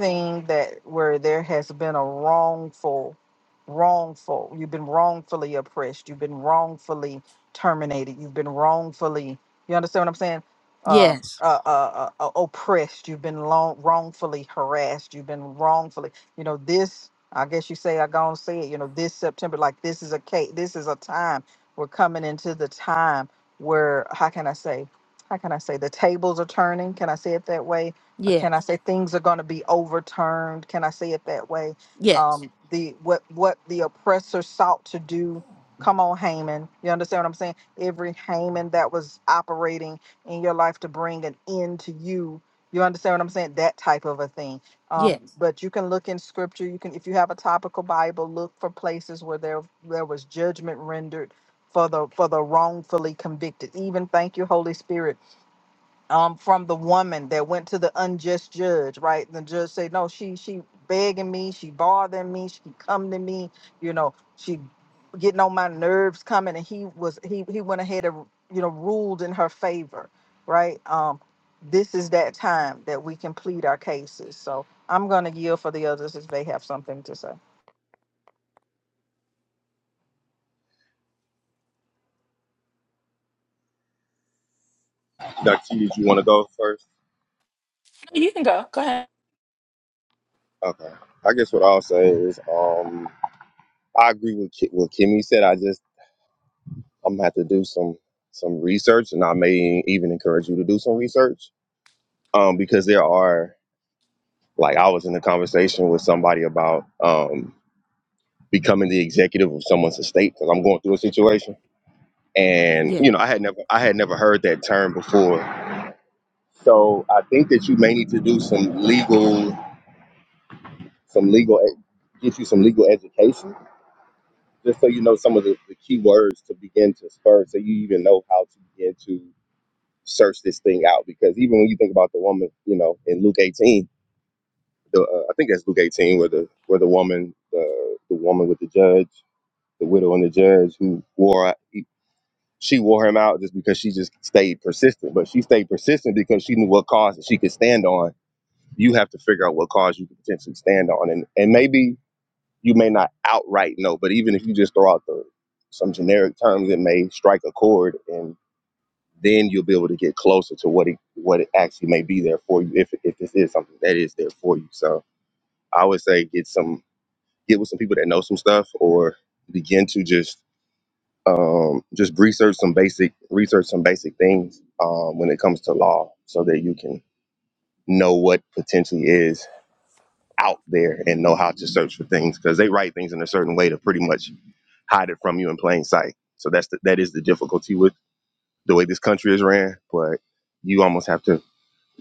yes, yes, yes, yes, Dr. T, did you want to go first? You can go. Go ahead. Okay. I guess what I'll say is, um, I agree with Ki- what Kimmy said. I just, I'm gonna have to do some some research, and I may even encourage you to do some research, um, because there are like I was in a conversation with somebody about, um, becoming the executive of someone's estate because I'm going through a situation. And yes, you know, I had never I had never heard that term before. So I think that you may need to do some legal some legal e, get you some legal education just so you know some of the, the key words to begin to spur so you even know how to begin to search this thing out because even when you think about the woman you know in luke 18 the, uh, i think that's luke 18 where the where the woman the, the woman with the judge the widow and the judge who wore she wore him out just because she just stayed persistent. But she stayed persistent because she knew what cause that she could stand on. You have to figure out what cause you could potentially stand on, and and maybe you may not outright know, but even if you just throw out the some generic terms, it may strike a chord, and then you'll be able to get closer to what it what it actually may be there for you if if this is something that is there for you. So I would say get some get with some people that know some stuff, or begin to just um, just research some basic research some basic things um, when it comes to law so that you can know what potentially is out there and know how to search for things because they write things in a certain way to pretty much hide it from you in plain sight so that's the, that is the difficulty with the way this country is ran but you almost have to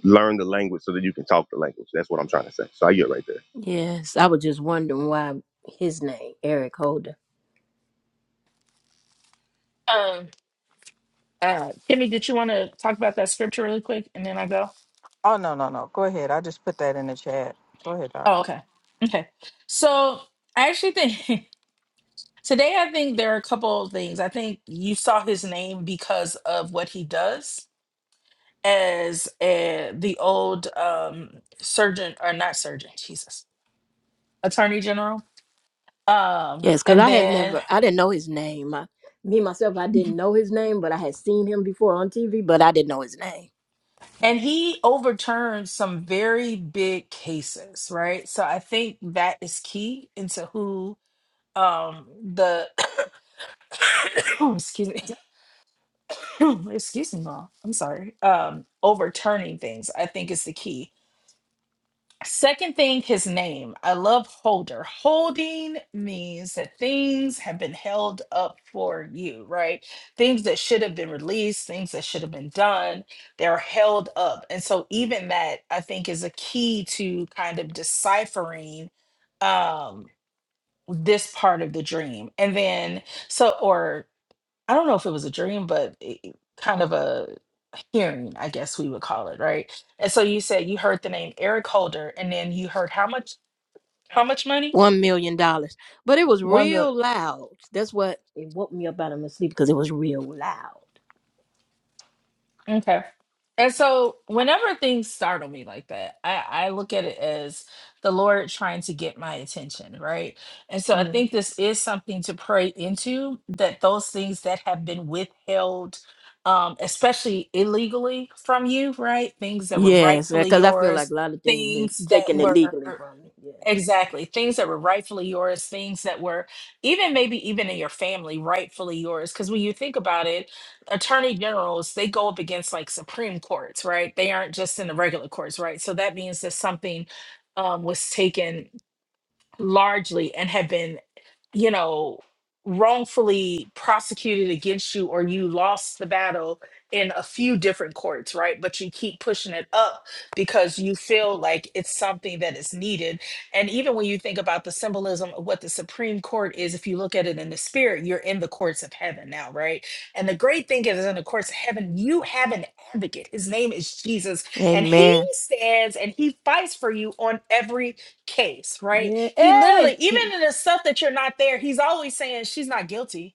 learn the language so that you can talk the language that's what i'm trying to say so i get right there yes. I was just wondering why his name, Eric Holder. Um, uh, Kimmy, did you want to talk about that scripture really quick, and then I go? Oh, okay. Okay. So I actually think today, I think there are a couple of things. I think you saw his name because of what he does as uh the old um, surgeon, or not surgeon, Jesus, attorney general. Um, Yes, because and I had then never, I didn't know his name. I, me myself, I didn't know his name, but I had seen him before on TV, but I didn't know his name. and he overturned some very big cases, right? So I think that is key into who um the excuse me excuse me mom i'm sorry um overturning things i think is the key second thing his name i love holder holding means that things have been held up for you right things that should have been released things that should have been done they're held up and so even that i think is a key to kind of deciphering um this part of the dream and then so or I don't know if it was a dream, but it, kind of a hearing, I guess we would call it, right? And so you said you heard the name Eric Holder, and then you heard how much? How much money? one million dollars. But it was One million. real loud. That's what it woke me up out of my sleep because it was real loud. Okay. And so whenever things startle me like that, I, I look at it as the Lord trying to get my attention, right? And so I Mm. think this is something to pray into that those things that have been withheld, um, especially illegally from you, right? Things that were Yes, rightfully because I feel like yours, a lot of things been things that taking it were legally from me. Yeah. Exactly. Things that were rightfully yours, things that were even maybe even in your family, rightfully yours. Because when you think about it, attorney generals, they go up against like Supreme Courts, right? They aren't just in the regular courts, right? So that means that something um, was taken largely and have been you know wrongfully prosecuted against you or you lost the battle in a few different courts right but you keep pushing it up because you feel like it's something that is needed and even when you think about the symbolism of what the supreme court is if you look at it in the spirit you're in the courts of heaven now right and the great thing is in the courts of heaven you have an advocate his name is jesus and he Amen. stands and he fights for you on every case, right? Yeah. He literally, Hey. even in the stuff that you're not there, he's always saying she's not guilty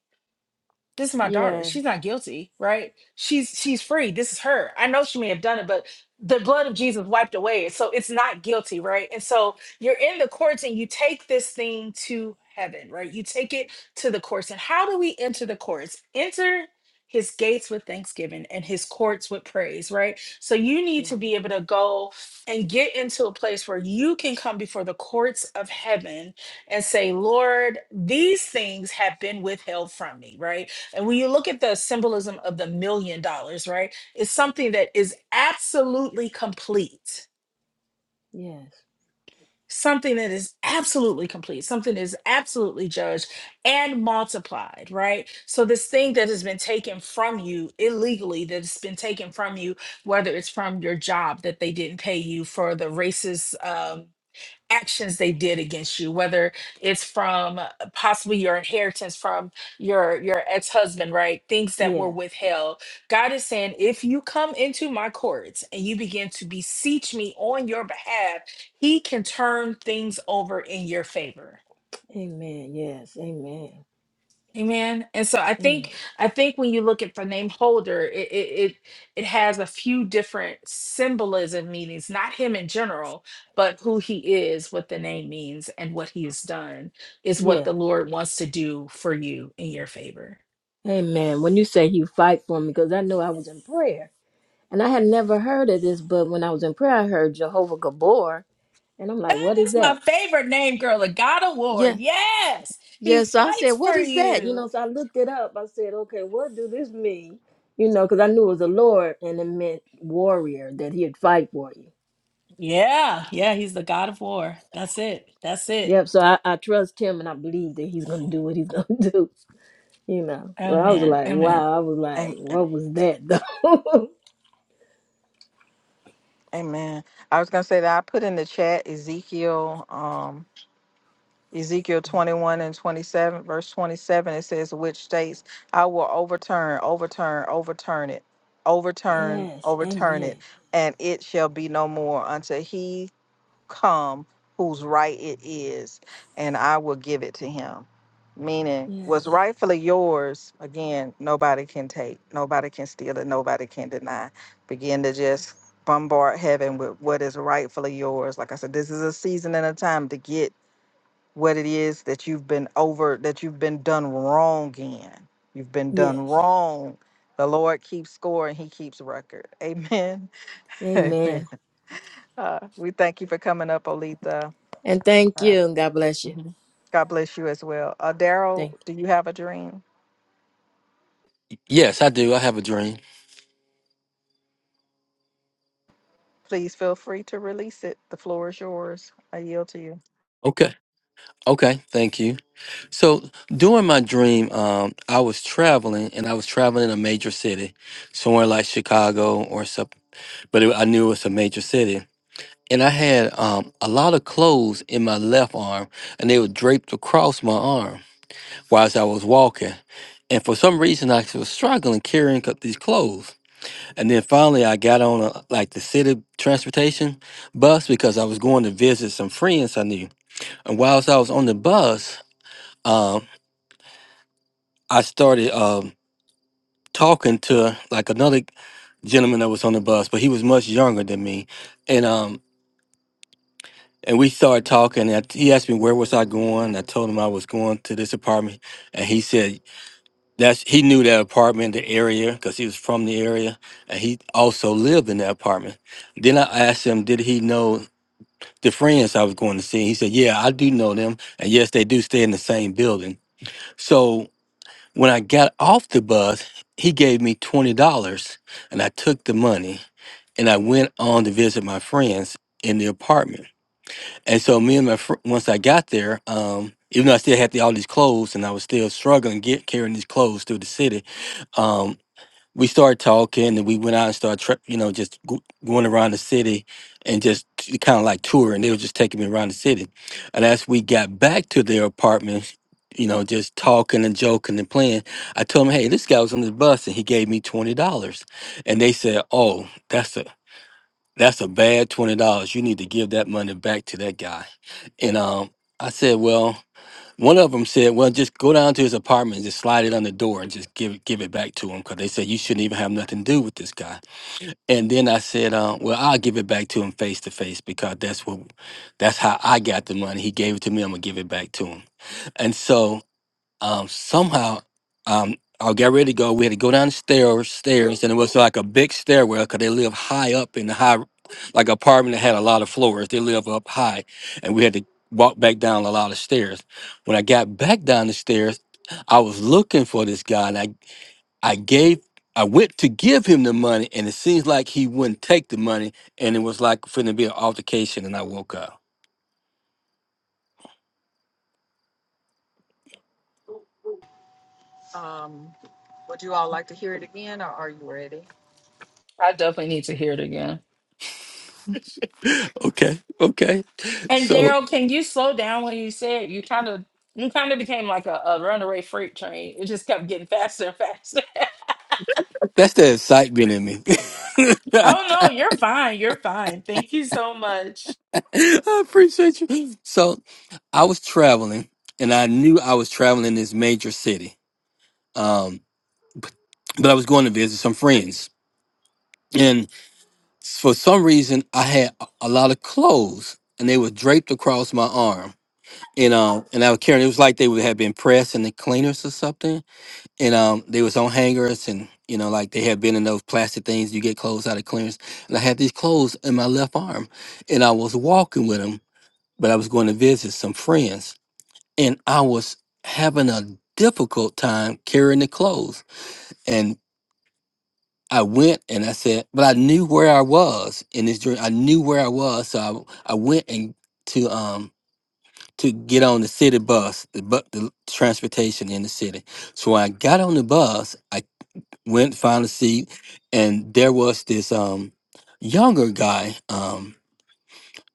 this is my daughter Yes. she's not guilty right she's she's free this is her i know she may have done it but the blood of jesus wiped away it, so it's not guilty right and so you're in the courts and you take this thing to heaven right you take it to the courts and how do we enter the courts enter his gates with thanksgiving and his courts with praise right so you need Yeah. to be able to go and get into a place where you can come before the courts of heaven and say lord these things have been withheld from me right and when you look at the symbolism of the million dollars, right, it's something that is absolutely complete, Yes. something that is absolutely complete, something that is absolutely judged and multiplied, right? So, this thing that has been taken from you illegally, that's been taken from you, whether it's from your job that they didn't pay you for the racist. Um, actions they did against you whether it's from uh, possibly your inheritance from your your ex-husband right things that were Yeah. withheld god is saying if you come into my courts and you begin to beseech me on your behalf he can turn things over in your favor Amen. Yes. Amen. Amen. And so I think Amen. I think when you look at the name holder, it it it, it has a few different symbolism meanings, not him in general, but who he is, what the name means, and what he has done is what Yeah. the Lord wants to do for you in your favor. Amen. When you say you fight for me, because I know I was in prayer and I had never heard of this, but when I was in prayer, I heard Jehovah Gabor, and I'm like, what is That's my that? favorite name, girl, the God of War. Yes, he Yes, so I said, fights "What for is that?" You you. know, so I looked it up. I said, "Okay, what do this mean?" You know, because I knew it was a lord and it meant warrior that he'd fight for you. Yeah, yeah, he's the God of War. That's it. That's it. Yep. So I, I trust him and I believe that he's gonna do what he's gonna do. You know. But I was Amen. like, Amen. wow. I was like, what was that though? yes. Amen. Yes. Yes. Amen. And thank you and God bless you. Thank. Yes, I do. I have a dream. Okay. Okay. Thank you. So during my dream, um, I was traveling and I was traveling in a major city, somewhere like Chicago or something, but it, I knew it was a major city. And I had um, a lot of clothes in my left arm and they were draped across my arm whilst I was walking. And for some reason, I was struggling carrying up these clothes. And then finally, I got on a, like the city transportation bus because I was going to visit some friends I knew And whilst I was on the bus, um, I started um, talking to like another gentleman that was on the bus, but he was much younger than me, and um, and we started talking. And he asked me where was I going. I told him I was going to this apartment, and he said that's he knew that apartment, the area, because he was from the area, and he also lived in that apartment. Then I asked him, did he know the friends I was going to see? He said, yeah, I do know them, and yes, they do stay in the same building. So When I got off the bus, he gave me $20 and I took the money and I went on to visit my friends in the apartment. And so me and my fr- once I got there, um, even though I still had the, all these clothes and I was still struggling get carrying these clothes through the city, um, we started talking and we went out and started, tra- you know, just go- going around the city and just kind of like touring. They were just taking me around the city. And as we got back to their apartment, you know, just talking and joking and playing, I told them, hey, this guy was on the bus and he gave me $20. And they said, oh, that's a, that's a bad $20. You need to give that money back to that guy. And um, I said, well, one of them said, "Well, just go down to his apartment and just slide it on the door and just give it, give it back to him," because they said you shouldn't even have nothing to do with this guy. And then I said, uh, "Well, I'll give it back to him face to face because that's what, that's how I got the money. He gave it to me. I'm gonna give it back to him." And so um, somehow um, I got ready to go. We had to go down the stairs, stairs, and it was like a big stairwell because they live high up in the high, like apartment that had a lot of floors. They live up high, and we had to walk back down a lot of stairs. When I got back down the stairs, I was looking for this guy, and I I gave. I went to give him the money, and it seems like he wouldn't take the money, and it was like finna be an altercation, and I woke up. I definitely need to hear it again. Okay, okay. And So Daryl, can you slow down when you said you kind of you kind of became like a, a runaway freight train. It just kept getting faster and faster. that's the excitement in me. Oh no, you're fine. You're fine. Thank you so much. I appreciate you. So I was traveling, and I knew I was traveling in this major city. Um, but I was going to visit some friends, and for some reason, I had a a lot of clothes, and they were draped across my arm. And um, and I was carrying. It was like they would have been pressed in the cleaners or something. And um, they was on hangers, and you know, like they had been in those plastic things you get clothes out of cleaners. And I had these clothes in my left arm, and I was walking with them, but I was going to visit some friends and I was having a difficult time carrying the clothes. And I went and I said, but I knew where I was in this dream. I knew where I was, so I, I went and to um to get on the city bus, the bu- the transportation in the city. So when I got on the bus, I went found a seat, and there was this um younger guy um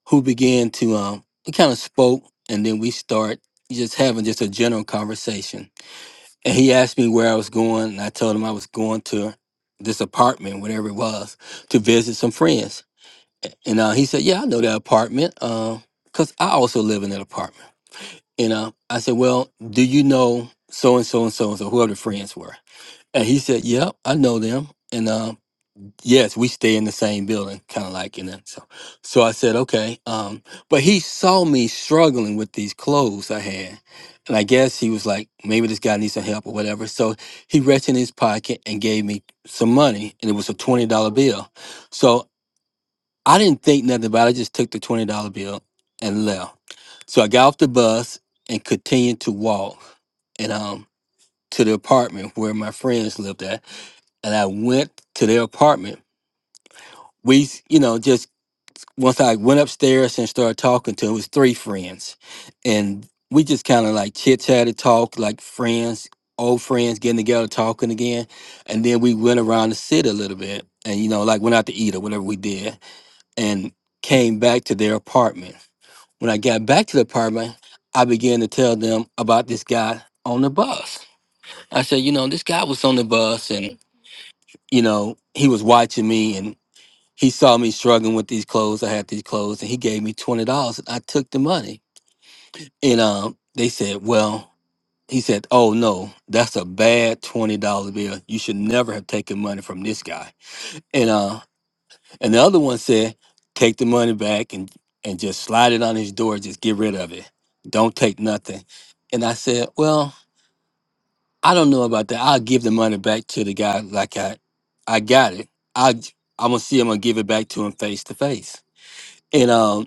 who began to um he kind of spoke, and then we start just having just a general conversation And he asked me where I was going, and I told him I was going to this apartment, whatever it was, to visit some friends. And uh, he said, "Yeah, I know that apartment, because I also live in that apartment." And uh, I said, "Well, do you know so and so and so and so, whoever the friends were?" And he said, "Yep, I know them." And uh, Yes, we stay in the same building, kind of like in that. So, so I said, okay. Um, but he saw me struggling with these clothes I had, and I guess he was like, maybe this guy needs some help or whatever. So he reached in his pocket and gave me some money, and it was a twenty dollar bill. So I didn't think nothing about it. I just took the twenty dollar bill and left. So I got off the bus and continued to walk, and um, to the apartment where my friends lived at, and I went to their apartment we, s- you know, just once I went upstairs and started talking to him, it was three friends. And we just kind of like chit chatted, talk like friends, old friends getting together, talking again. And then we went around the city a little bit and, you know, like went out to eat or whatever we did and came back to their apartment. When I got back to the apartment, I began to tell them about this guy on the bus. I said, you know, this guy was on the bus and, you know, he was watching me he saw me struggling with these clothes. I had these clothes, and he gave me twenty dollars. I took the money, and um, they said, "Well," he said, "Oh no, that's a bad twenty dollar bill. You should never have taken money from this guy." And uh, and the other one said, "Take the money back and and just slide it on his door. Just get rid of it. Don't take nothing." And I said, "Well, I don't know about that. I'll give the money back to the guy like I, I got it. I I'm gonna see. I'm gonna give it back to him face to face." And um,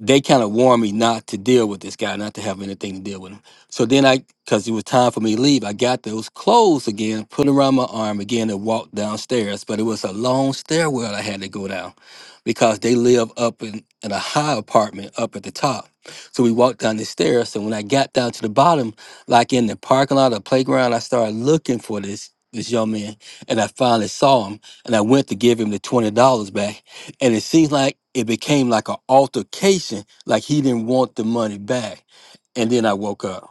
they kind of warned me not to deal with this guy, not to have anything to deal with him. So then I, because it was time for me to leave, I got those clothes again, put them around my arm again, and walked downstairs. But it was a long stairwell I had to go down because they live up in, in a high apartment up at the top. So we walked down the stairs. And when I got down to the bottom, like in the parking lot or playground, I started looking for this this young man and I finally saw him and I went to give him the $20 back and it seems like it became like an altercation like he didn't want the money back and then i woke up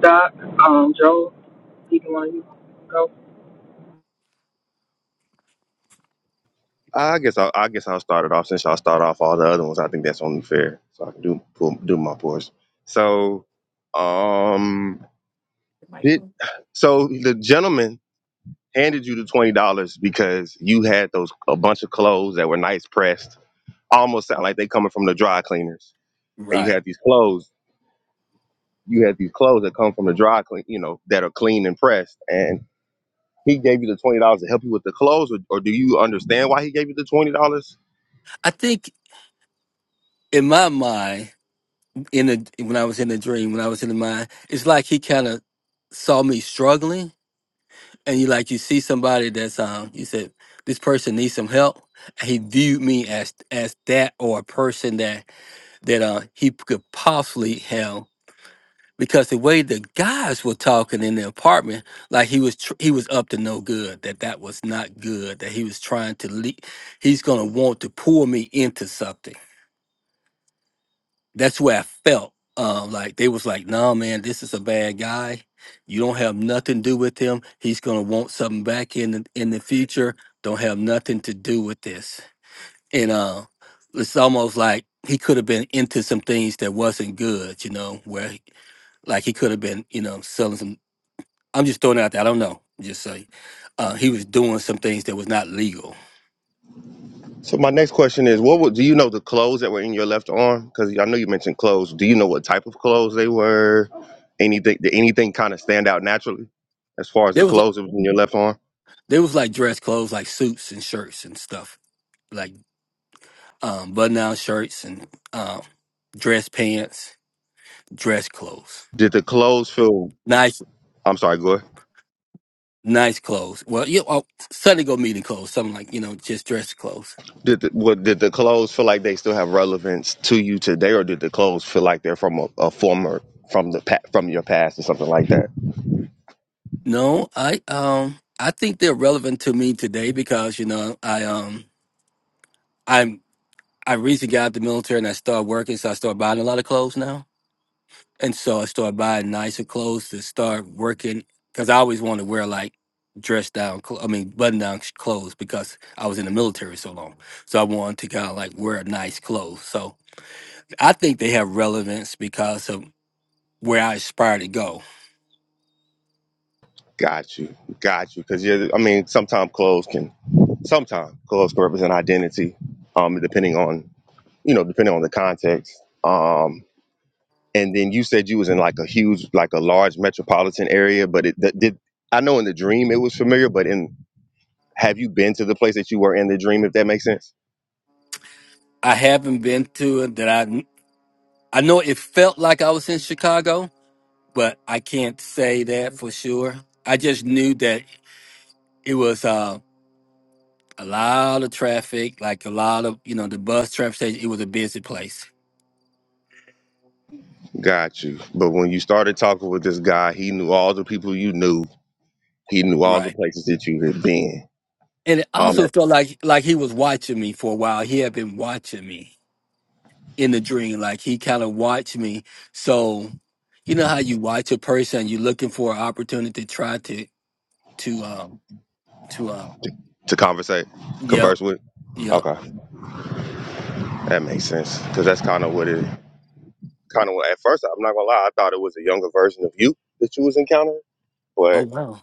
Doc, um, Joe, either one of you go. i guess i I guess I'll start it off since y'all start off all the other ones i think that's only fair so i can do pull, do my pause so Did so the gentleman handed you the twenty dollars because you had those a bunch of clothes that were nice pressed, almost sound like they coming from the dry cleaners, and you right had these clothes, you had these clothes that come from the dry clean, you know, that are clean and pressed, and he gave you the twenty dollars to help you with the clothes, or, or do you understand why he gave you the twenty dollars? i think in my mind in the when i was in the dream when i was in the mind it's like he kind of saw me struggling and you like you see somebody that's um you said this person needs some help and he viewed me as as that or a person that that uh he could possibly help because the way the guys were talking in the apartment, like he was tr- he was up to no good. That that was not good. That he was trying to leak. He's gonna want to pull me into something. That's where I felt. Um, like they was like, "Nah, man, this is a bad guy. You don't have nothing to do with him. He's gonna want something back in the, in the future. Don't have nothing to do with this." And uh, it's almost like he could have been into some things that wasn't good. You know, where he- like he could have been, you know, selling some I'm just throwing it out there. I don't know. Just say uh, he was doing some things that was not legal. So my next question is, what would do you know the clothes that were in your left arm? Because I know you mentioned clothes. Do you know what type of clothes they were? Anything? Did anything kind of stand out naturally as far as the There was li- clothes that was in your left arm? there was like dress clothes, like suits and shirts and stuff, like um, button down shirts and um, dress pants, dress clothes, Did the clothes feel? nice I'm sorry, go ahead. nice clothes. Well, you oh, Sunday go meeting clothes, something like you know just dress clothes. Did the, what, did the clothes feel like they still have relevance to you today, or did the clothes feel like they're from a, a former from the pa- from your past or something like that? No, I um I think they're relevant to me today because you know I um I'm I recently got out of the military and I started working, so I started buying a lot of clothes now, and so I started buying nicer clothes to start working because I always wanted to wear like dress down, cl- I mean button down clothes because I was in the military so long, so I wanted to kind of like wear nice clothes. So I think they have relevance because of where I aspire to go. Got you, got you. Because I mean, sometimes clothes can sometimes clothes can represent identity, um, depending on you know depending on the context. Um, and then you said you was in like a huge like a large metropolitan area, but it that did. I know in the dream it was familiar, but in have you been to the place that you were in the dream? If that makes sense. I haven't been to it that I I know it felt like I was in Chicago but I can't say that for sure. I just knew that it was uh, a lot of traffic, like a lot of you know the bus traffic station. It was a busy place, Got you. But when you started talking with this guy, he knew all the people you knew. He knew all the right? places that you had been. And it Um, also felt like like he was watching me for a while. He had been watching me in the dream, like he kind of watched me. So you know how you watch a person, you're looking for an opportunity to try to to um to um to conversate, yep converse with. yep. Okay, that makes sense. Cause that's kind of what it, kind of what. At first, I'm not gonna lie, I thought it was a younger version of you that you was encountering. Oh But wow!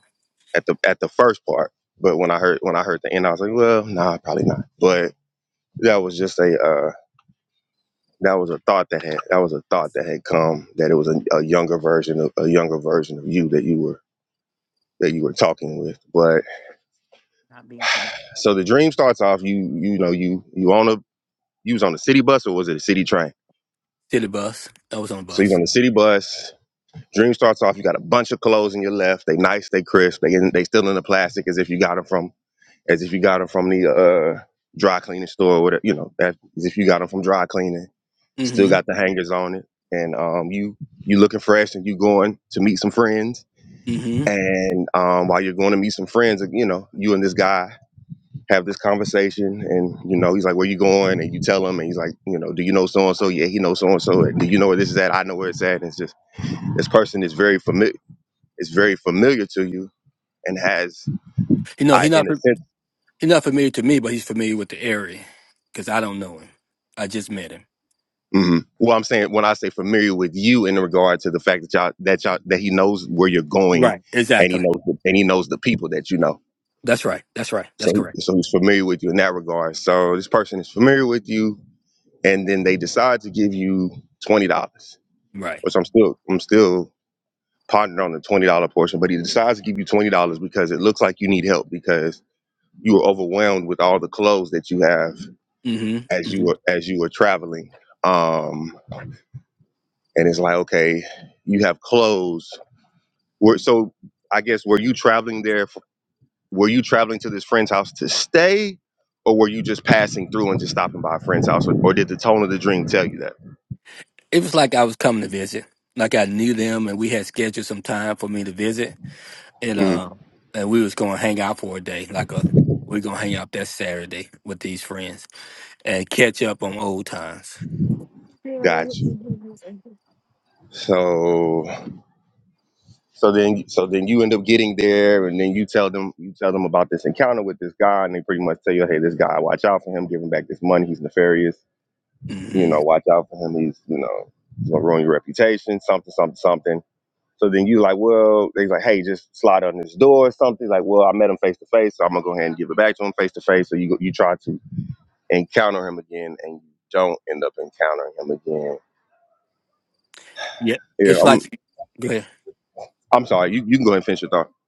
at the at the first part, but when I heard when I heard the end, I was like, well, nah, probably not. But that was just a uh, that was a thought that had that was a thought that had come that it was a, a younger version of a younger version of you that you were that you were talking with. But Not being connected so the dream starts off. You you know you you on a you was on a city bus or was it a city train? to the bus. I was on the So you was on bus. the city bus. Dream starts off. You got a bunch of clothes in your left. They nice. They crisp. They in, they still in the plastic as if you got them from as if you got them from the uh, dry cleaning store or whatever. You know that as if you got them from dry cleaning. Still Mm-hmm. got the hangers on it. And um, you you looking fresh and you going to meet some friends. mm-hmm. And um, while you're going to meet some friends, you know you and this guy have this conversation and you know he's like where you going and you tell him and he's like you know do you know so and so yeah he knows so and so do you know where this is at i know where it's at and it's just this person is very familiar is very familiar to you and has You know, he i not in a sense he not familiar to me, but he's familiar with the area because I don't know him. I just met him. hmm well i'm saying when i say familiar with you in regard to the fact that y'all that y'all that he knows where you're going Right. and he Exactly. knows the, and he knows the people that you know That's right. That's right. That's so correct. he- so he's familiar with you in that regard so this person is familiar with you and then they decide to give you twenty dollars Right. which i'm still i'm still Partner on the twenty dollar portion, but he decides to give you twenty dollars because it looks like you need help because you were overwhelmed with all the clothes that you have as Mm-hmm. you hmm were as you were traveling. Um, and it's like, okay, you have clothes. Were, so I guess were you traveling there? f were you traveling to this friend's house to stay, or were you just passing through and just stopping by a friend's house, or, or did the tone of the dream tell you that? It was like I was coming to visit. Like I knew them, and we had scheduled some time for me to visit, and Mm, uh, and we was gonna hang out for a day. Like a we're gonna hang out that Saturday with these friends and catch up on old times. got you. So. So then, so then you end up getting there, and then you tell them, you tell them about this encounter with this guy, and they pretty much tell you, hey, this guy, watch out for him, give him back this money, he's nefarious, you Mm-hmm. know, watch out for him, he's, you know, he's gonna ruin your reputation, something, something, something. So then you like, well, they like, hey, just slide on this door or something. Like, well, I met him face to face, so I'm gonna go ahead and give it back to him face to face. So you go, you try to encounter him again, and you don't end up encountering him again. Yeah. Yeah, It's I'm, like. Go ahead. I'm sorry. You, you can go ahead and finish your thought.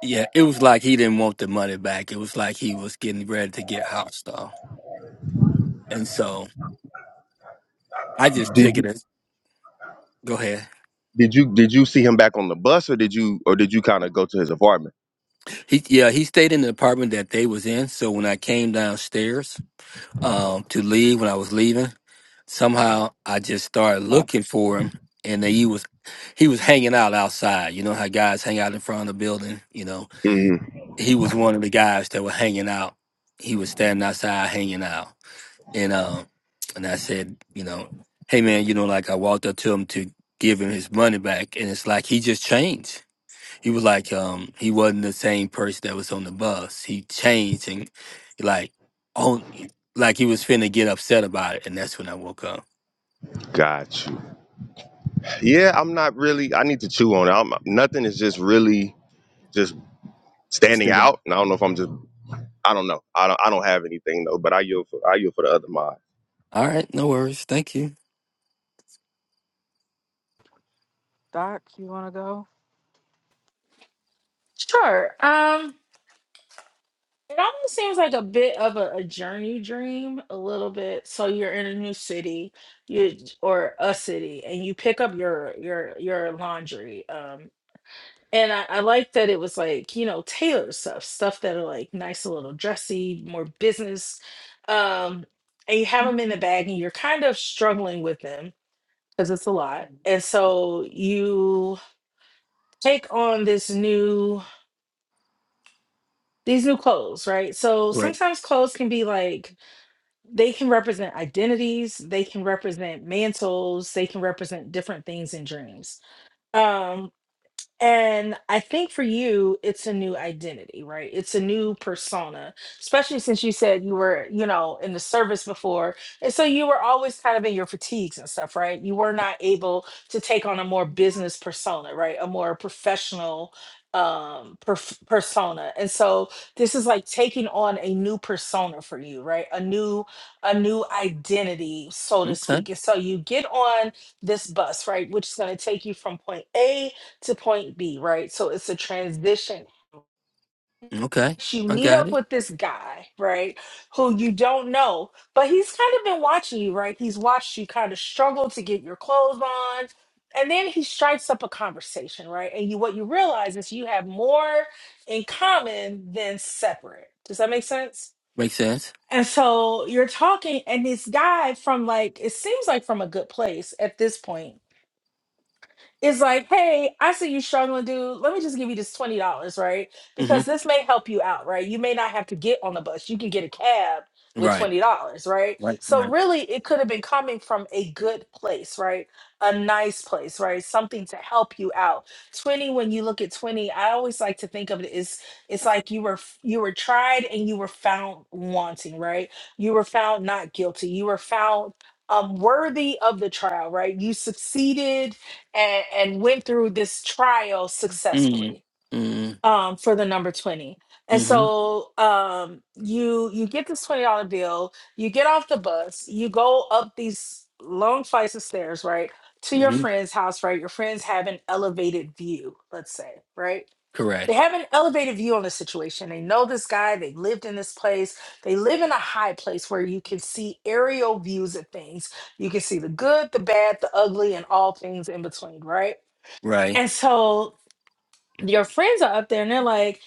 Yeah, it was like he didn't want the money back. It was like he was getting ready to get hostile. And so I just took it as go ahead. Did you did you see him back on the bus or did you or did you kind of go to his apartment? He yeah, he stayed in the apartment that they was in. So when I came downstairs um to leave when I was leaving, somehow I just started looking for him and then he was he was hanging out outside. You know how guys hang out in front of the building, you know. Mm, He was one of the guys that were hanging out. He was standing outside hanging out. and uh, and I said, you know, hey man, you know, like I walked up to him to give him his money back, and it's like he just changed. He was like, um, he wasn't the same person that was on the bus. He changed and like on like he was finna get upset about it, and that's when I woke up. got you. Yeah, I'm not really. I need to chew on it. I'm, nothing is just really just. Stand, Still going. I don't know. I yield for the other mod. All right, no worries. Thank you. Sure. Um, it almost seems like a bit of a, a journey dream, a little bit. So you're in a new city, you or a city, and you pick up your your your laundry. um, And I, I like that it was like, you know, tailored stuff, stuff that are like nice, a little dressy, more business. Um, and you have them in the bag and you're kind of struggling with them because it's a lot. And so you take on this new, these new clothes, right? So Right. sometimes clothes can be like, they can represent identities, they can represent mantles, they can represent different things in dreams. Um, And I think for you, it's a new identity, right? It's a new persona, especially since you said you were, you know, in the service before. And so you were always kind of in your fatigues and stuff, right? You were not able to take on a more business persona, right? A more professional um perf- persona. And so this is like taking on a new persona for you, right? A new a new identity, so to Okay. speak. And so you get on this bus, right, which is going to take you from point A to point B, right? So it's a transition. Okay. You I meet got up it. with this guy, right? Who you don't know, but he's kind of been watching you, right? He's watched you kind of struggle to get your clothes on. And then he strikes up a conversation, right? And you what you realize is you have more in common than separate. Does that make sense? Makes sense. And so you're talking, and this guy from like, it seems like from a good place at this point is like, hey, I see you struggling, dude. Let me just give you this twenty dollars, right? Because Mm-hmm. this may help you out, right? You may not have to get on the bus. You can get a cab with Right. twenty dollars, right? Right. So Right. really, it could have been coming from a good place, right? A nice place, right? Something to help you out. Twenty, when you look at twenty, I always like to think of it as it's like you were f- you were tried and you were found wanting, right? You were found not guilty. You were found um worthy of the trial, right? You succeeded and, and went through this trial successfully Mm-hmm. um, for the number 20 and Mm-hmm. so um, you you get this $20 bill you get off the bus you go up these long flights of stairs right to your Mm-hmm. friend's house right your friends have an elevated view let's say right Correct. they have an elevated view on the situation they know this guy they lived in this place they live in a high place where you can see aerial views of things you can see the good the bad the ugly and all things in between right Right. and so your friends are up there and they're like,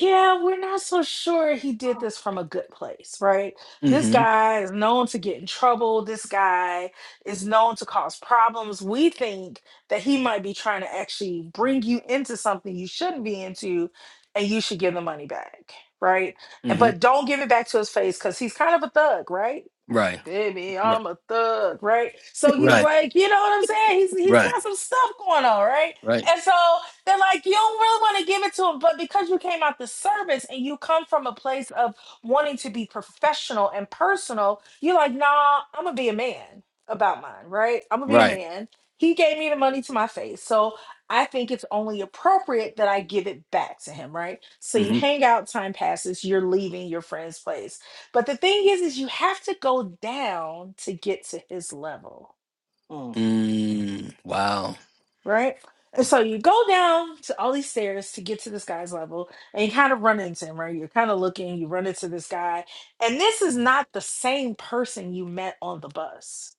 yeah, we're not so sure he did this from a good place, right? This Mm-hmm. guy is known to get in trouble. This guy is known to cause problems. We think that he might be trying to actually bring you into something you shouldn't be into and you should give the money back, right? And- Mm-hmm. But don't give it back to his face because he's kind of a thug, right? Right. baby, Right. I'm a thug, right? So he's Right. like, you know what I'm saying? He's he's Right. got some stuff going on, right? Right. And so they're like, you don't really want to give it to him, but because you came out the service and you come from a place of wanting to be professional and personal, you're like, nah, I'm gonna be a man about mine, right? I'm gonna be a Right. man. He gave me the money to my face, so I think it's only appropriate that I give it back to him, right? So you hmm hang out, time passes, you're leaving your friend's place but the thing is, is you have to go down to get to his level, Mm. Mm, wow. right? And so you go down to all these stairs to get to this guy's level, and you kind of run into him, right? You're kind of looking, you run into this guy, and this is not the same person you met on the bus,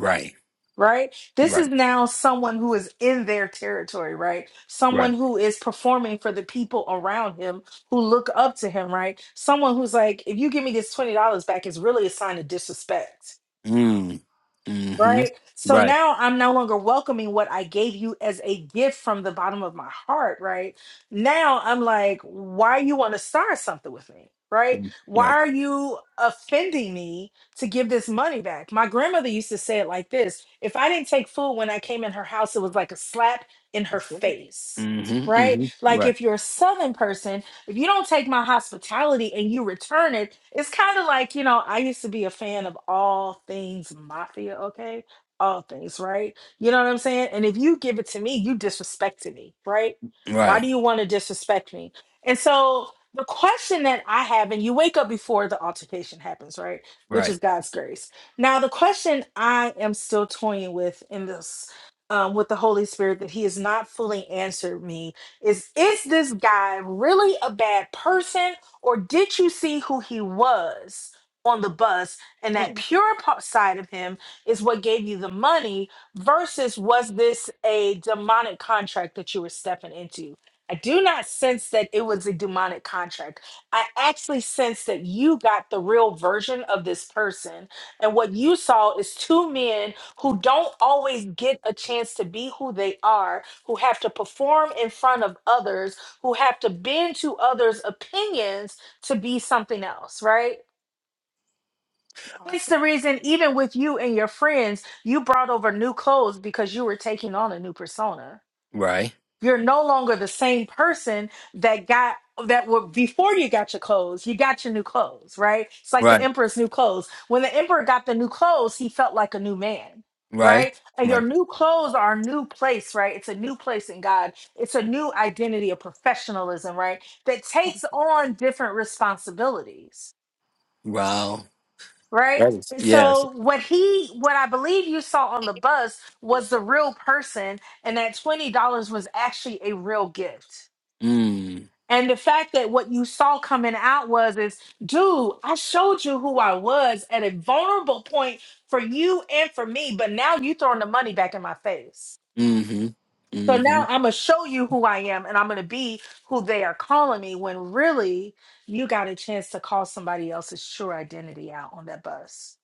Right. right? This Right. is now someone who is in their territory, right? Right. Someone who is performing for the people around him who look up to him, right? Someone who's like, if you give me this $20 back, it's really a sign of disrespect Mm. Mm-hmm. right? So Right. now I'm no longer welcoming what I gave you as a gift from the bottom of my heart, right? Now I'm like, why you want to start something with me, right? Why Right. are you offending me to give this money back? My grandmother used to say it like this if I didn't take food when I came in her house, it was like a slap in her That's it. face. Mm-hmm. Right? Mm-hmm. Like Right. if you're a southern person, if you don't take my hospitality and you return it, it's kind of like, you know, I used to be a fan of all things mafia, okay? All things, right? You know what I'm saying? And if you give it to me, you disrespected me, right? Why Right. do you want to disrespect me? And so the question that I have, and you wake up before the altercation happens, right? Which Right. is God's grace. Now, the question I am still toying with in this um, with the Holy Spirit that He has not fully answered me is is this guy really a bad person or did you see who he was on the bus and that Mm. pure po- side of him is what gave you the money versus was this a demonic contract that you were stepping into i do not sense that it was a demonic contract i actually sense that you got the real version of this person and what you saw is two men who don't always get a chance to be who they are who have to perform in front of others, who have to bend to others' opinions to be something else, right? It's Awesome. the reason, even with you and your friends, you brought over new clothes because you were taking on a new persona Right. you're no longer the same person that got that were before you got your clothes you got your new clothes right it's like the Right. emperor's new clothes when the emperor got the new clothes he felt like a new man Right. right and your Right. new clothes are a new place right it's a new place in god it's a new identity of professionalism right that takes on different responsibilities Wow. right That is And yes. so what he what i believe you saw on the bus was the real person and that $20 was actually a real gift Mm. and the fact that what you saw coming out was is, dude, I showed you who I was at a vulnerable point for you and for me, but now you throwing the money back in my face. Mm-hmm. So Mm-hmm. now I'm gonna show you who I am and I'm gonna be who they are calling me when really you got a chance to call somebody else's true identity out on that bus.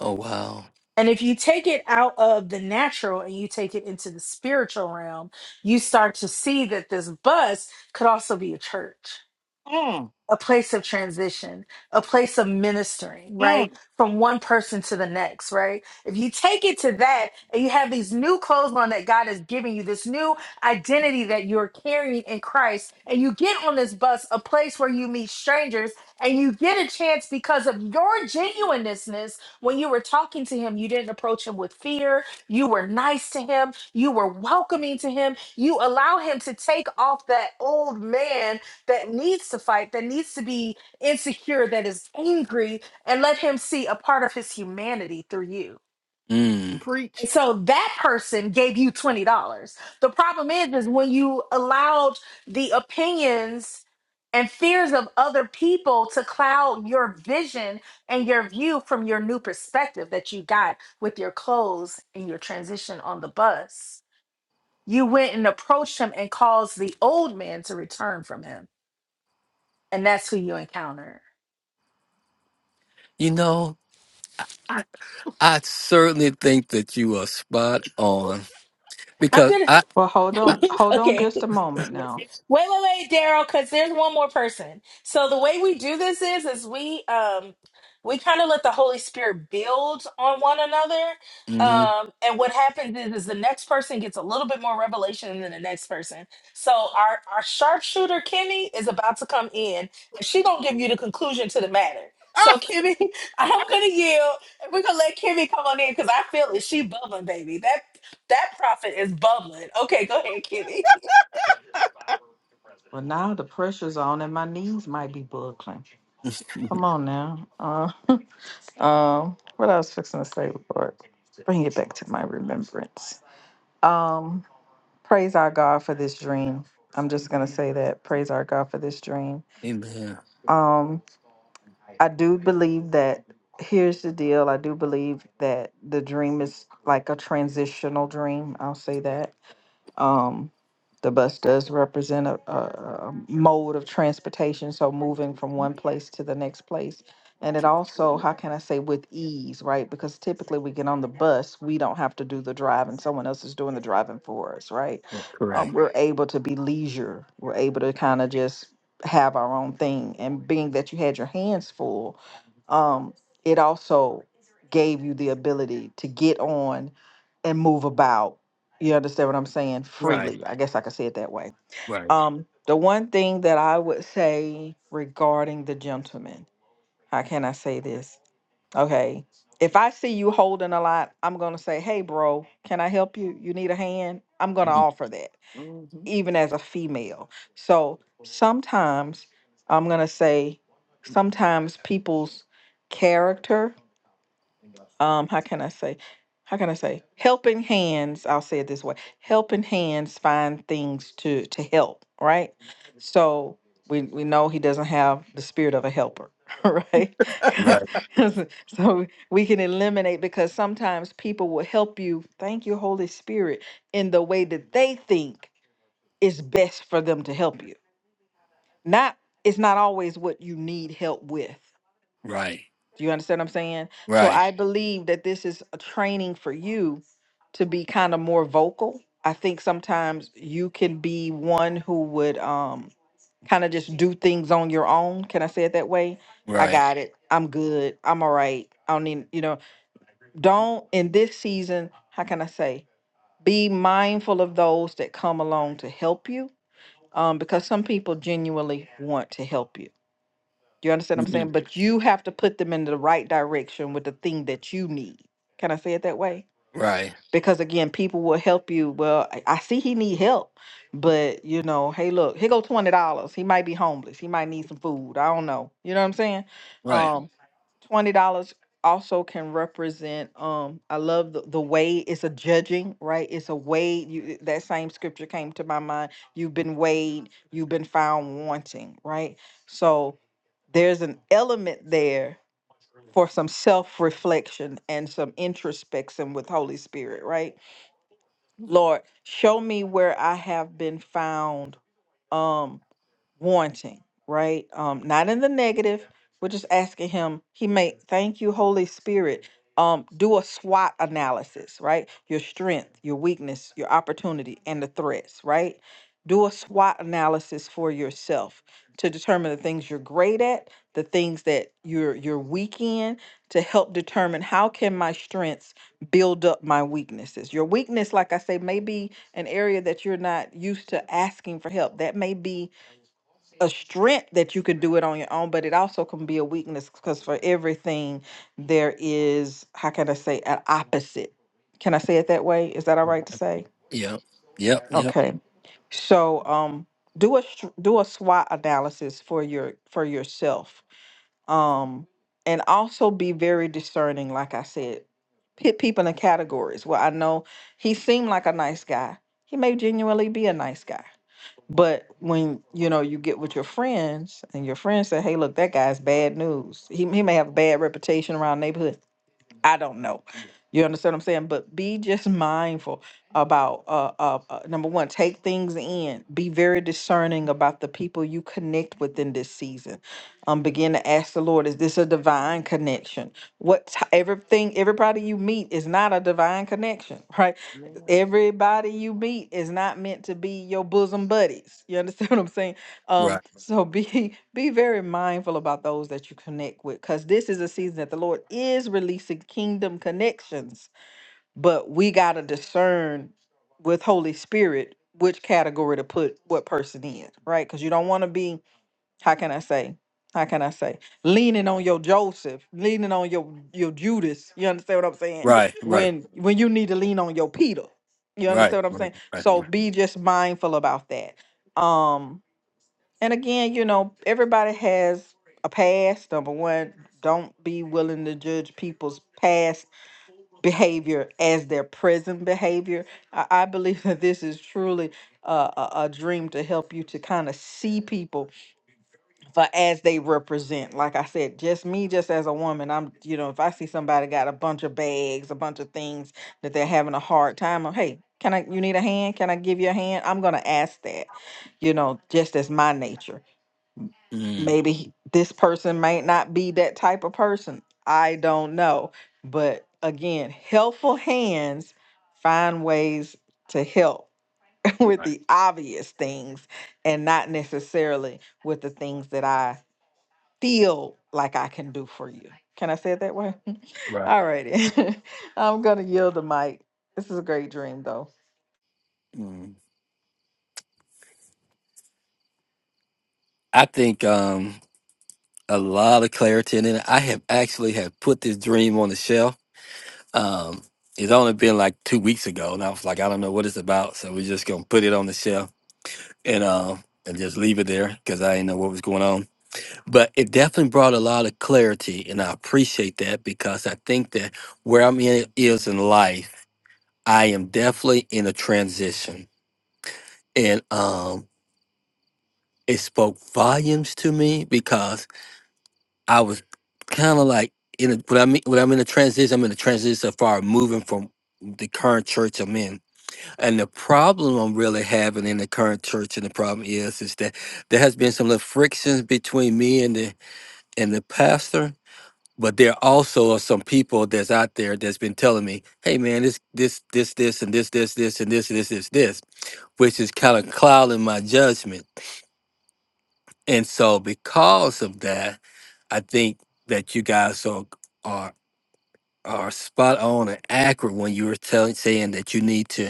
Oh wow. And if you take it out of the natural and you take it into the spiritual realm, you start to see that this bus could also be a church Mm. a place of transition, a place of ministering, Mm. right? From one person to the next, right? If you take it to that and you have these new clothes on that God is giving you, this new identity that you're carrying in Christ, and you get on this bus, a place where you meet strangers and you get a chance because of your genuineness when you were talking to him, you didn't approach him with fear. You were nice to him. You were welcoming to him. You allow him to take off that old man that needs to fight, that needs to be insecure, that is angry, and let him see a part of his humanity through you. Mm. And so that person gave you $20. The problem is, is when you allowed the opinions and fears of other people to cloud your vision and your view from your new perspective that you got with your clothes and your transition on the bus. You went and approached him and caused the old man to return from him. And that's who you encounter. You know, I certainly think that you are spot on. I'm because gonna I, I okay. Wait, wait, wait, Daryl, because there's one more person. So the way we do this is, is we um we kind of let the Holy Spirit build on one another. hmm Um, and what happens is, is the next person gets a little bit more revelation than the next person. So our our sharpshooter Kimmy is about to come in, and she gonna give you the conclusion to the matter. So Kimmy, I'm gonna yield, and we're gonna let Kimmy come on in because I feel it. She bubbling, baby. That that prophet is bubbling. Okay, go ahead, Kimmy. amen. Correct. Right. Right. Mhm. Right. Right. Right. Right. Mhm. Right. Right. Yep. Yep. Yep. Right. Right. Right. Right. Right. Right. Right. Mm. Right. Right. Mm. I think um a lot of clarity in it. I have actually have put this dream on the shelf. Um, it's only been like two weeks ago, and I was like, I don't know what it's about, so we're just gonna put it on the shelf and um and just leave it there because I didn't know what was going on. But it definitely brought a lot of clarity, and I appreciate that because I think that where I'm in is in life, I am definitely in a transition, and um, it spoke volumes to me because I was kind of like in a, when I mean when I'm in a transition, I'm in a transition as far as moving from the current church I'm in And the problem I'm really having in the current church, and the problem is, is that there has been some little frictions between me and the and the pastor. But there also are some people that's out there that's been telling me, "Hey, man, this this this this and this this this and this this this this," which is kind of clouding my judgment. And so, because of that, I think that you guys are are are spot on and accurate when you were telling saying that you need to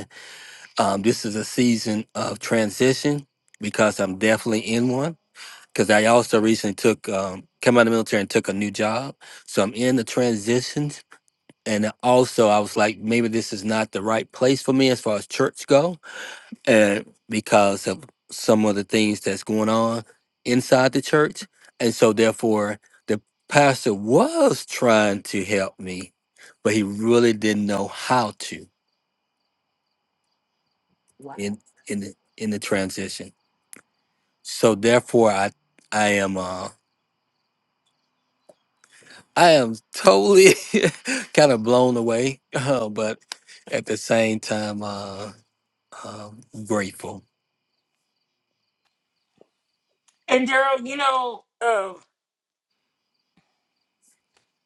Um, this is a season of transition because I'm definitely in one. Because I also recently took um, came out of the military and took a new job, so I'm in the transitions. And also, I was like, maybe this is not the right place for me as far as church go, and because of some of the things that's going on inside the church, and so therefore, the pastor was trying to help me, but he really didn't know how to in in the, in the transition. So therefore, I I am uh, I am totally kind of blown away, uh, but at the same time, uh, um grateful. And Daryl, you know, uh,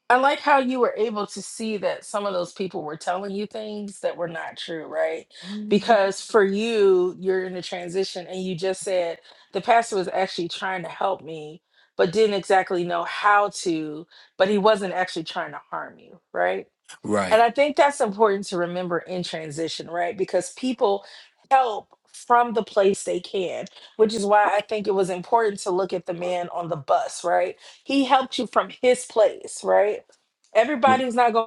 I like how you were able to see that some of those people were telling you things that were not true, right? Because for you, you're in a transition and you just said the pastor was actually trying to help me, but didn't exactly know how to, but he wasn't actually trying to harm you, right? Right, And I think that's important to remember in transition, right? Because people help from the place they can, which is why I think it was important to look at the man on the bus, right? He helped you from his place, right? r- Everybody's not going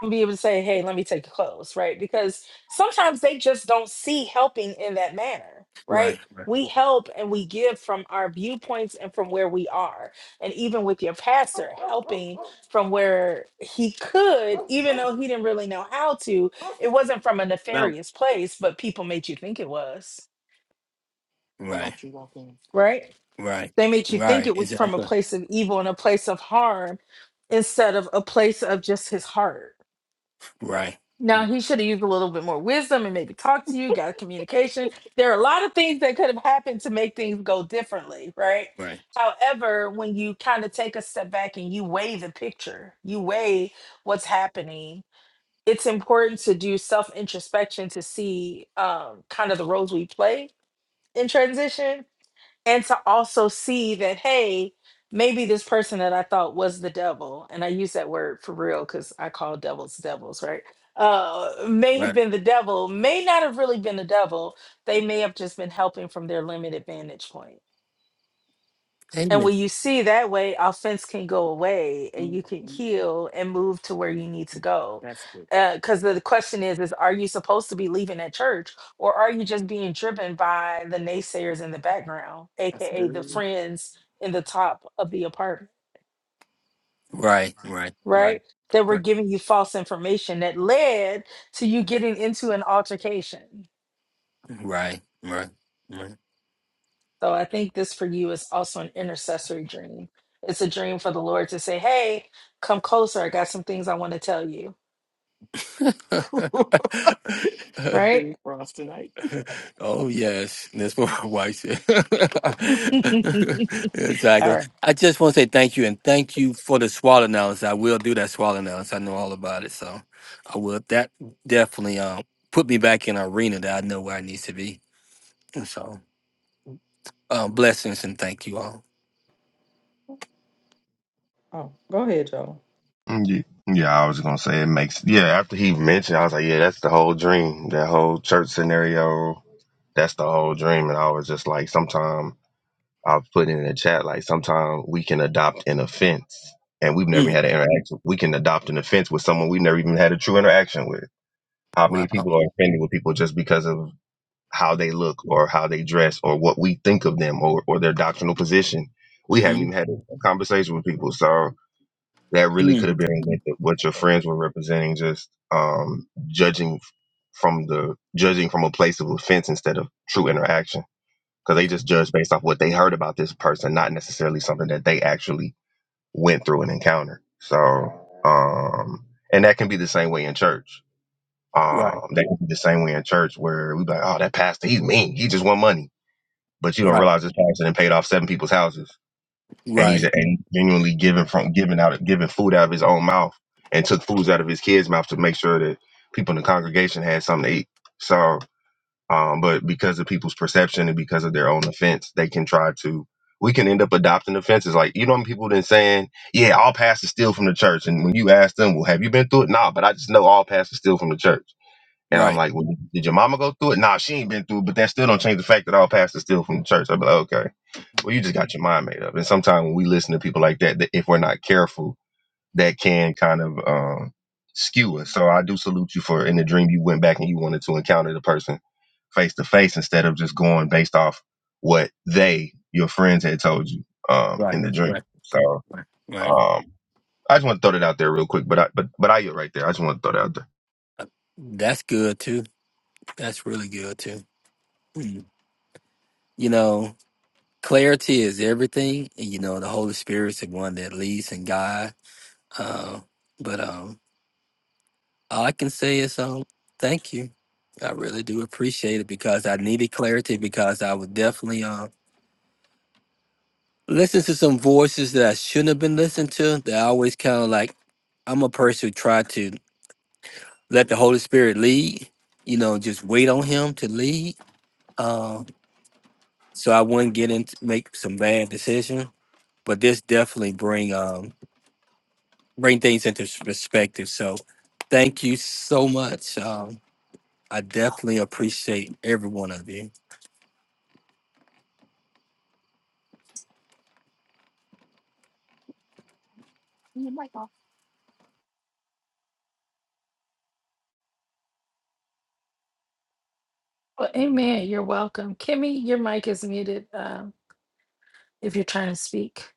and be able to say, hey, let me take your clothes, right? Because sometimes they just don't see helping in that manner, right? right, We help and we give from our viewpoints and from where we are. And even with your pastor helping from where he could, even though he didn't really know how to, it wasn't from a Well, nefarious place, but people made you think it was, right, don't right? right, They made you think right. it was from a Exactly. place of evil and a place of harm instead of a place of just his heart Right, Now he should have used a little bit more wisdom and maybe talked to you, got a communication. There are a lot of things that could have happened to make things go differently, right? right, However, when you kind of take a step back and you weigh the picture, you weigh what's happening, it's important to do self introspection to see um, kind of the roles we play in transition and to also see that hey maybe this person that i thought was the devil and i use that word for real because i call devils devils right uh may have right. been the devil may not have really been the devil they may have just been helping from their limited vantage point and Amen. when you see that way, offense can go away and you can heal and move to where you need to go. That's good. Because the question is, is are you supposed to be leaving that church or are you just being driven by the naysayers in the background, That's AKA the good. friends in the top of the apartment, Right, right, right, right? That were right, giving you false information that led to you getting into an altercation. right, right. Right. So I think this for you is also an intercessory dream. It's a dream for the Lord to say, hey, come closer. I got some things I want to tell you. the Right? oh yes, that's what my wife said. All exactly. right. I just want to say thank you and thank you for the swallow analysis. I will do that swallow analysis. I know all about it, so I will. That definitely um put me back in an arena that I know where I need to be. And so um, blessings and thank you all. Mm, Yeah, yeah, I was gonna say it makes. Yeah, after he mentioned, I was like, yeah, that's the whole dream. That whole church scenario. That's the whole dream. And I was just like, sometime I'll put in the chat. Like, sometime we can adopt an offense. And we've never Mm. had an interaction. We can adopt an offense with someone we never even had a true interaction with. How many Wow. people are offended with people just because of how they look or how they dress or what we think of them or, or their doctrinal position? We haven't hmm even had a conversation with people. So that really could have Mm. been what, the, what your friends were representing, just um, judging f- from the judging from a place of offense instead of true interaction. Because they just judge based off what they heard about this person, not necessarily something that they actually went through and encountered. So, um, and that can be the same way in church Right. um, that can be the same way in church where we be like, oh, that pastor, he's mean. He just want money. But you don't Right. realize this pastor and paid off seven people's houses, and he's Right. and he's genuinely giving from giving out giving food out of his own mouth, and took foods out of his kids' mouth to make sure that people in the congregation had something to eat. So, um, but because of people's perception and because of their own offense, they can try to. We can end up adopting offenses. Like you know, when people then saying, "Yeah, all pastors steal from the church," and when you ask them, "Well, have you been through it?" Nah, but I just know all pastors steal from the church and I'm Right. like, well, did your mama go through it? Nah, she ain't been through it, but that still don't change the fact that all pastors still from the church. I'd be like, okay, well, you just got your mind made up. And sometimes when we listen to people like that, that if we're not careful, that can kind of um, skew us. So I do salute you for in the dream you went back and you wanted to encounter the person face to face instead of just going based off what they, your friends, had told you um, in Right. the dream. Right. So Right. Right. um, I just want to throw that out there real quick, but I but but I get right there. I just want to throw that out there. Uh, That's good too. That's really good too. Mm. You know, clarity is everything, and you know the Holy Spirit's the one that leads and guides. Uh, but um, all I can say is um, thank you. I really do appreciate it because I needed clarity because I was definitely um listen to some voices that I shouldn't have been listening to. That I always kind of like. I'm a person who try to let the Holy Spirit lead. You know, just wait on Him to lead. Um, so I wouldn't get into make some bad decisions but this definitely bring um bring things into s- perspective. So thank you so much. Um, I definitely appreciate every one of you. Well, amen. You're welcome. Kimmy, your mic is muted um, if you're trying to speak.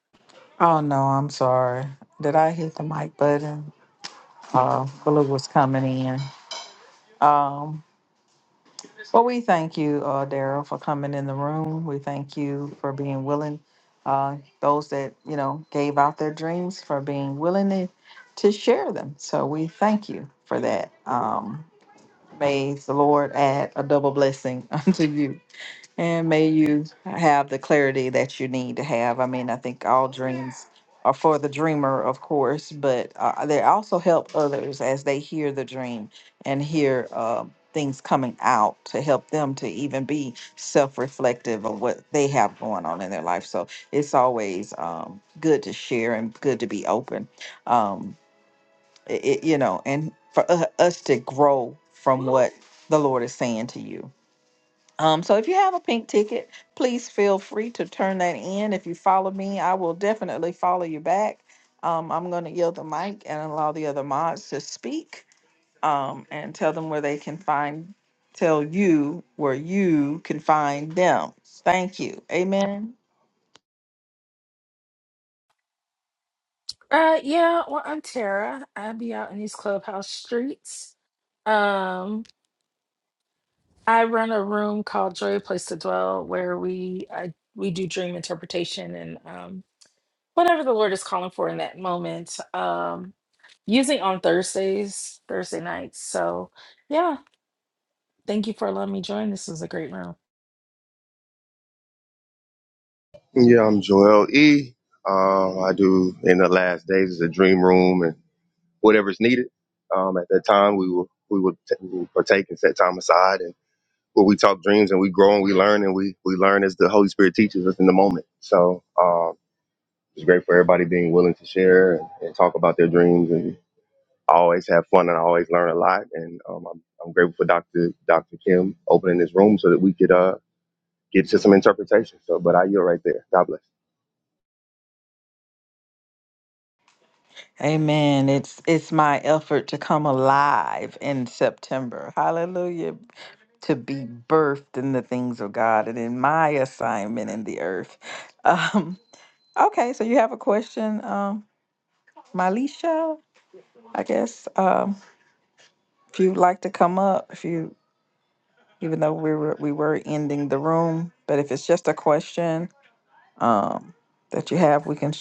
Uh, yeah, well, I'm Tara. I be out in these clubhouse streets. Um, I run a room called Joy Place to Dwell where we I, we do dream interpretation and um, whatever the Lord is calling for in that moment. Um, usually on Thursdays, Thursday nights. So yeah, thank you for letting me join. This was a great room. Yeah, I'm Joel E. Um, I do in the last days is a dream room and whatever's needed. Um, at that time, we will we will t- we will partake and set time aside, and where we talk dreams and we grow and we learn and we we learn as the Holy Spirit teaches us in the moment. So um, it's great for everybody being willing to share and, and talk about their dreams and I always have fun and I always learn a lot. And um, I'm I'm grateful for Doctor Doctor Kim opening this room so that we could uh get to some interpretation. So, but I yield right there. God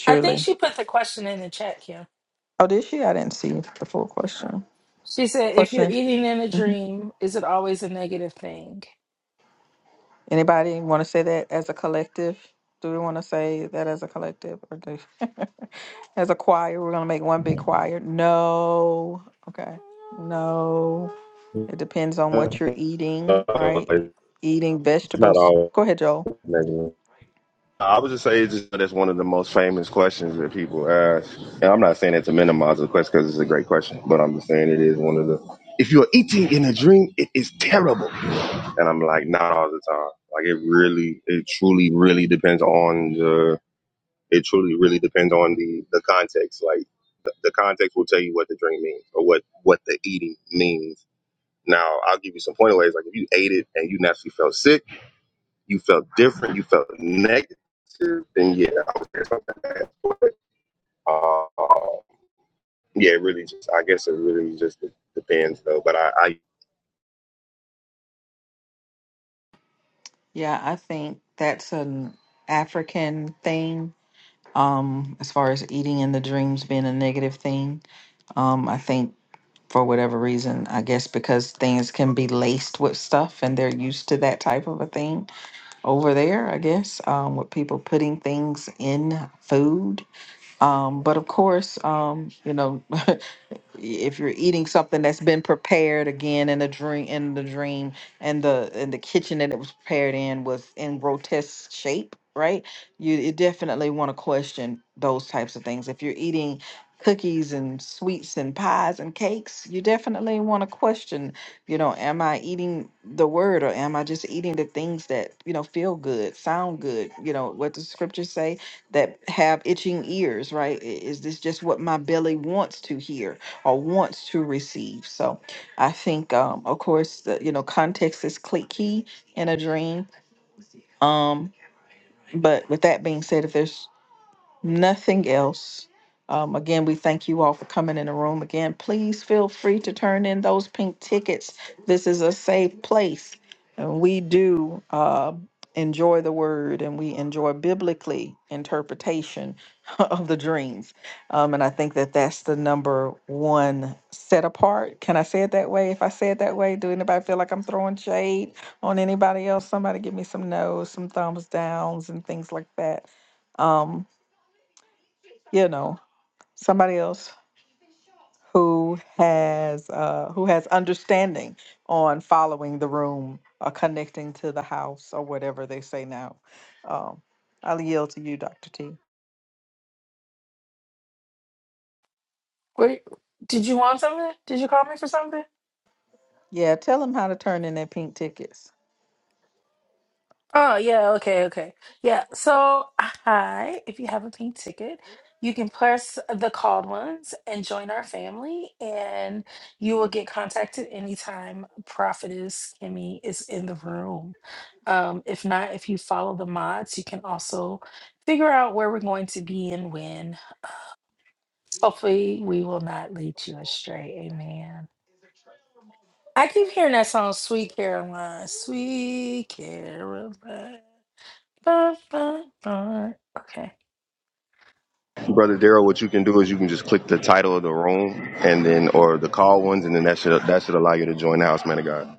I think she put the question in the chat, Kim. Yeah. She said, if you're eating in a dream, is it always a negative thing? bless. Uh, it's not all negative. I would just say it's just that's one of the most famous questions that people ask. And I'm not saying that to minimize the question because it's a great question, but I'm just saying it is one of the. If you're eating in a dream, it is terrible. And I'm like, not all the time. Like it really, it truly, really depends on the. It truly, really depends on the the context. Like the, the context will tell you what the dream means or what what the eating means. Now, I'll give you some point Like if you ate it and you naturally felt sick you felt different, you felt negative, then yeah, I would say something bad. But uh, yeah, it really just I guess it really just depends though. But I, I Wait, did you want something? Did you call me for something? Oh, yeah, okay, okay. Yeah, so hi. If you have a pink ticket, you can press the called ones and join our family, and you will get contacted anytime Prophetess Kimmy is in the room. Um, if not, if you follow the mods, you can also figure out where we're going to be and when. Hopefully, we will not lead you astray. Amen. I keep hearing that song, Sweet Caroline, Sweet Caroline. Ba, ba, ba. Okay. brother Daryl, what you can do is you can just click the title of the room and then or the call ones, and then that should that should allow you to join the house, man of God.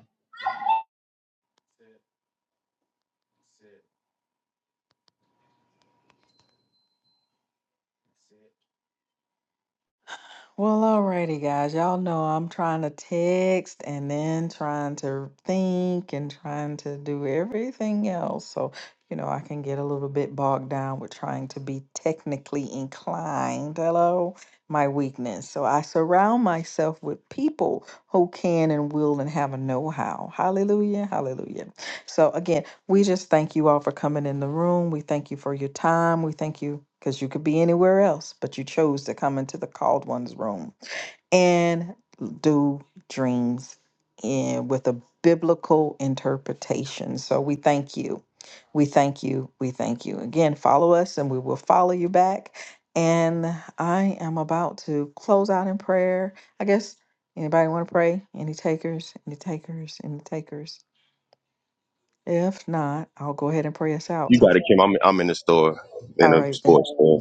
You got it, Kim. I'm I'm in the store, in a sports store.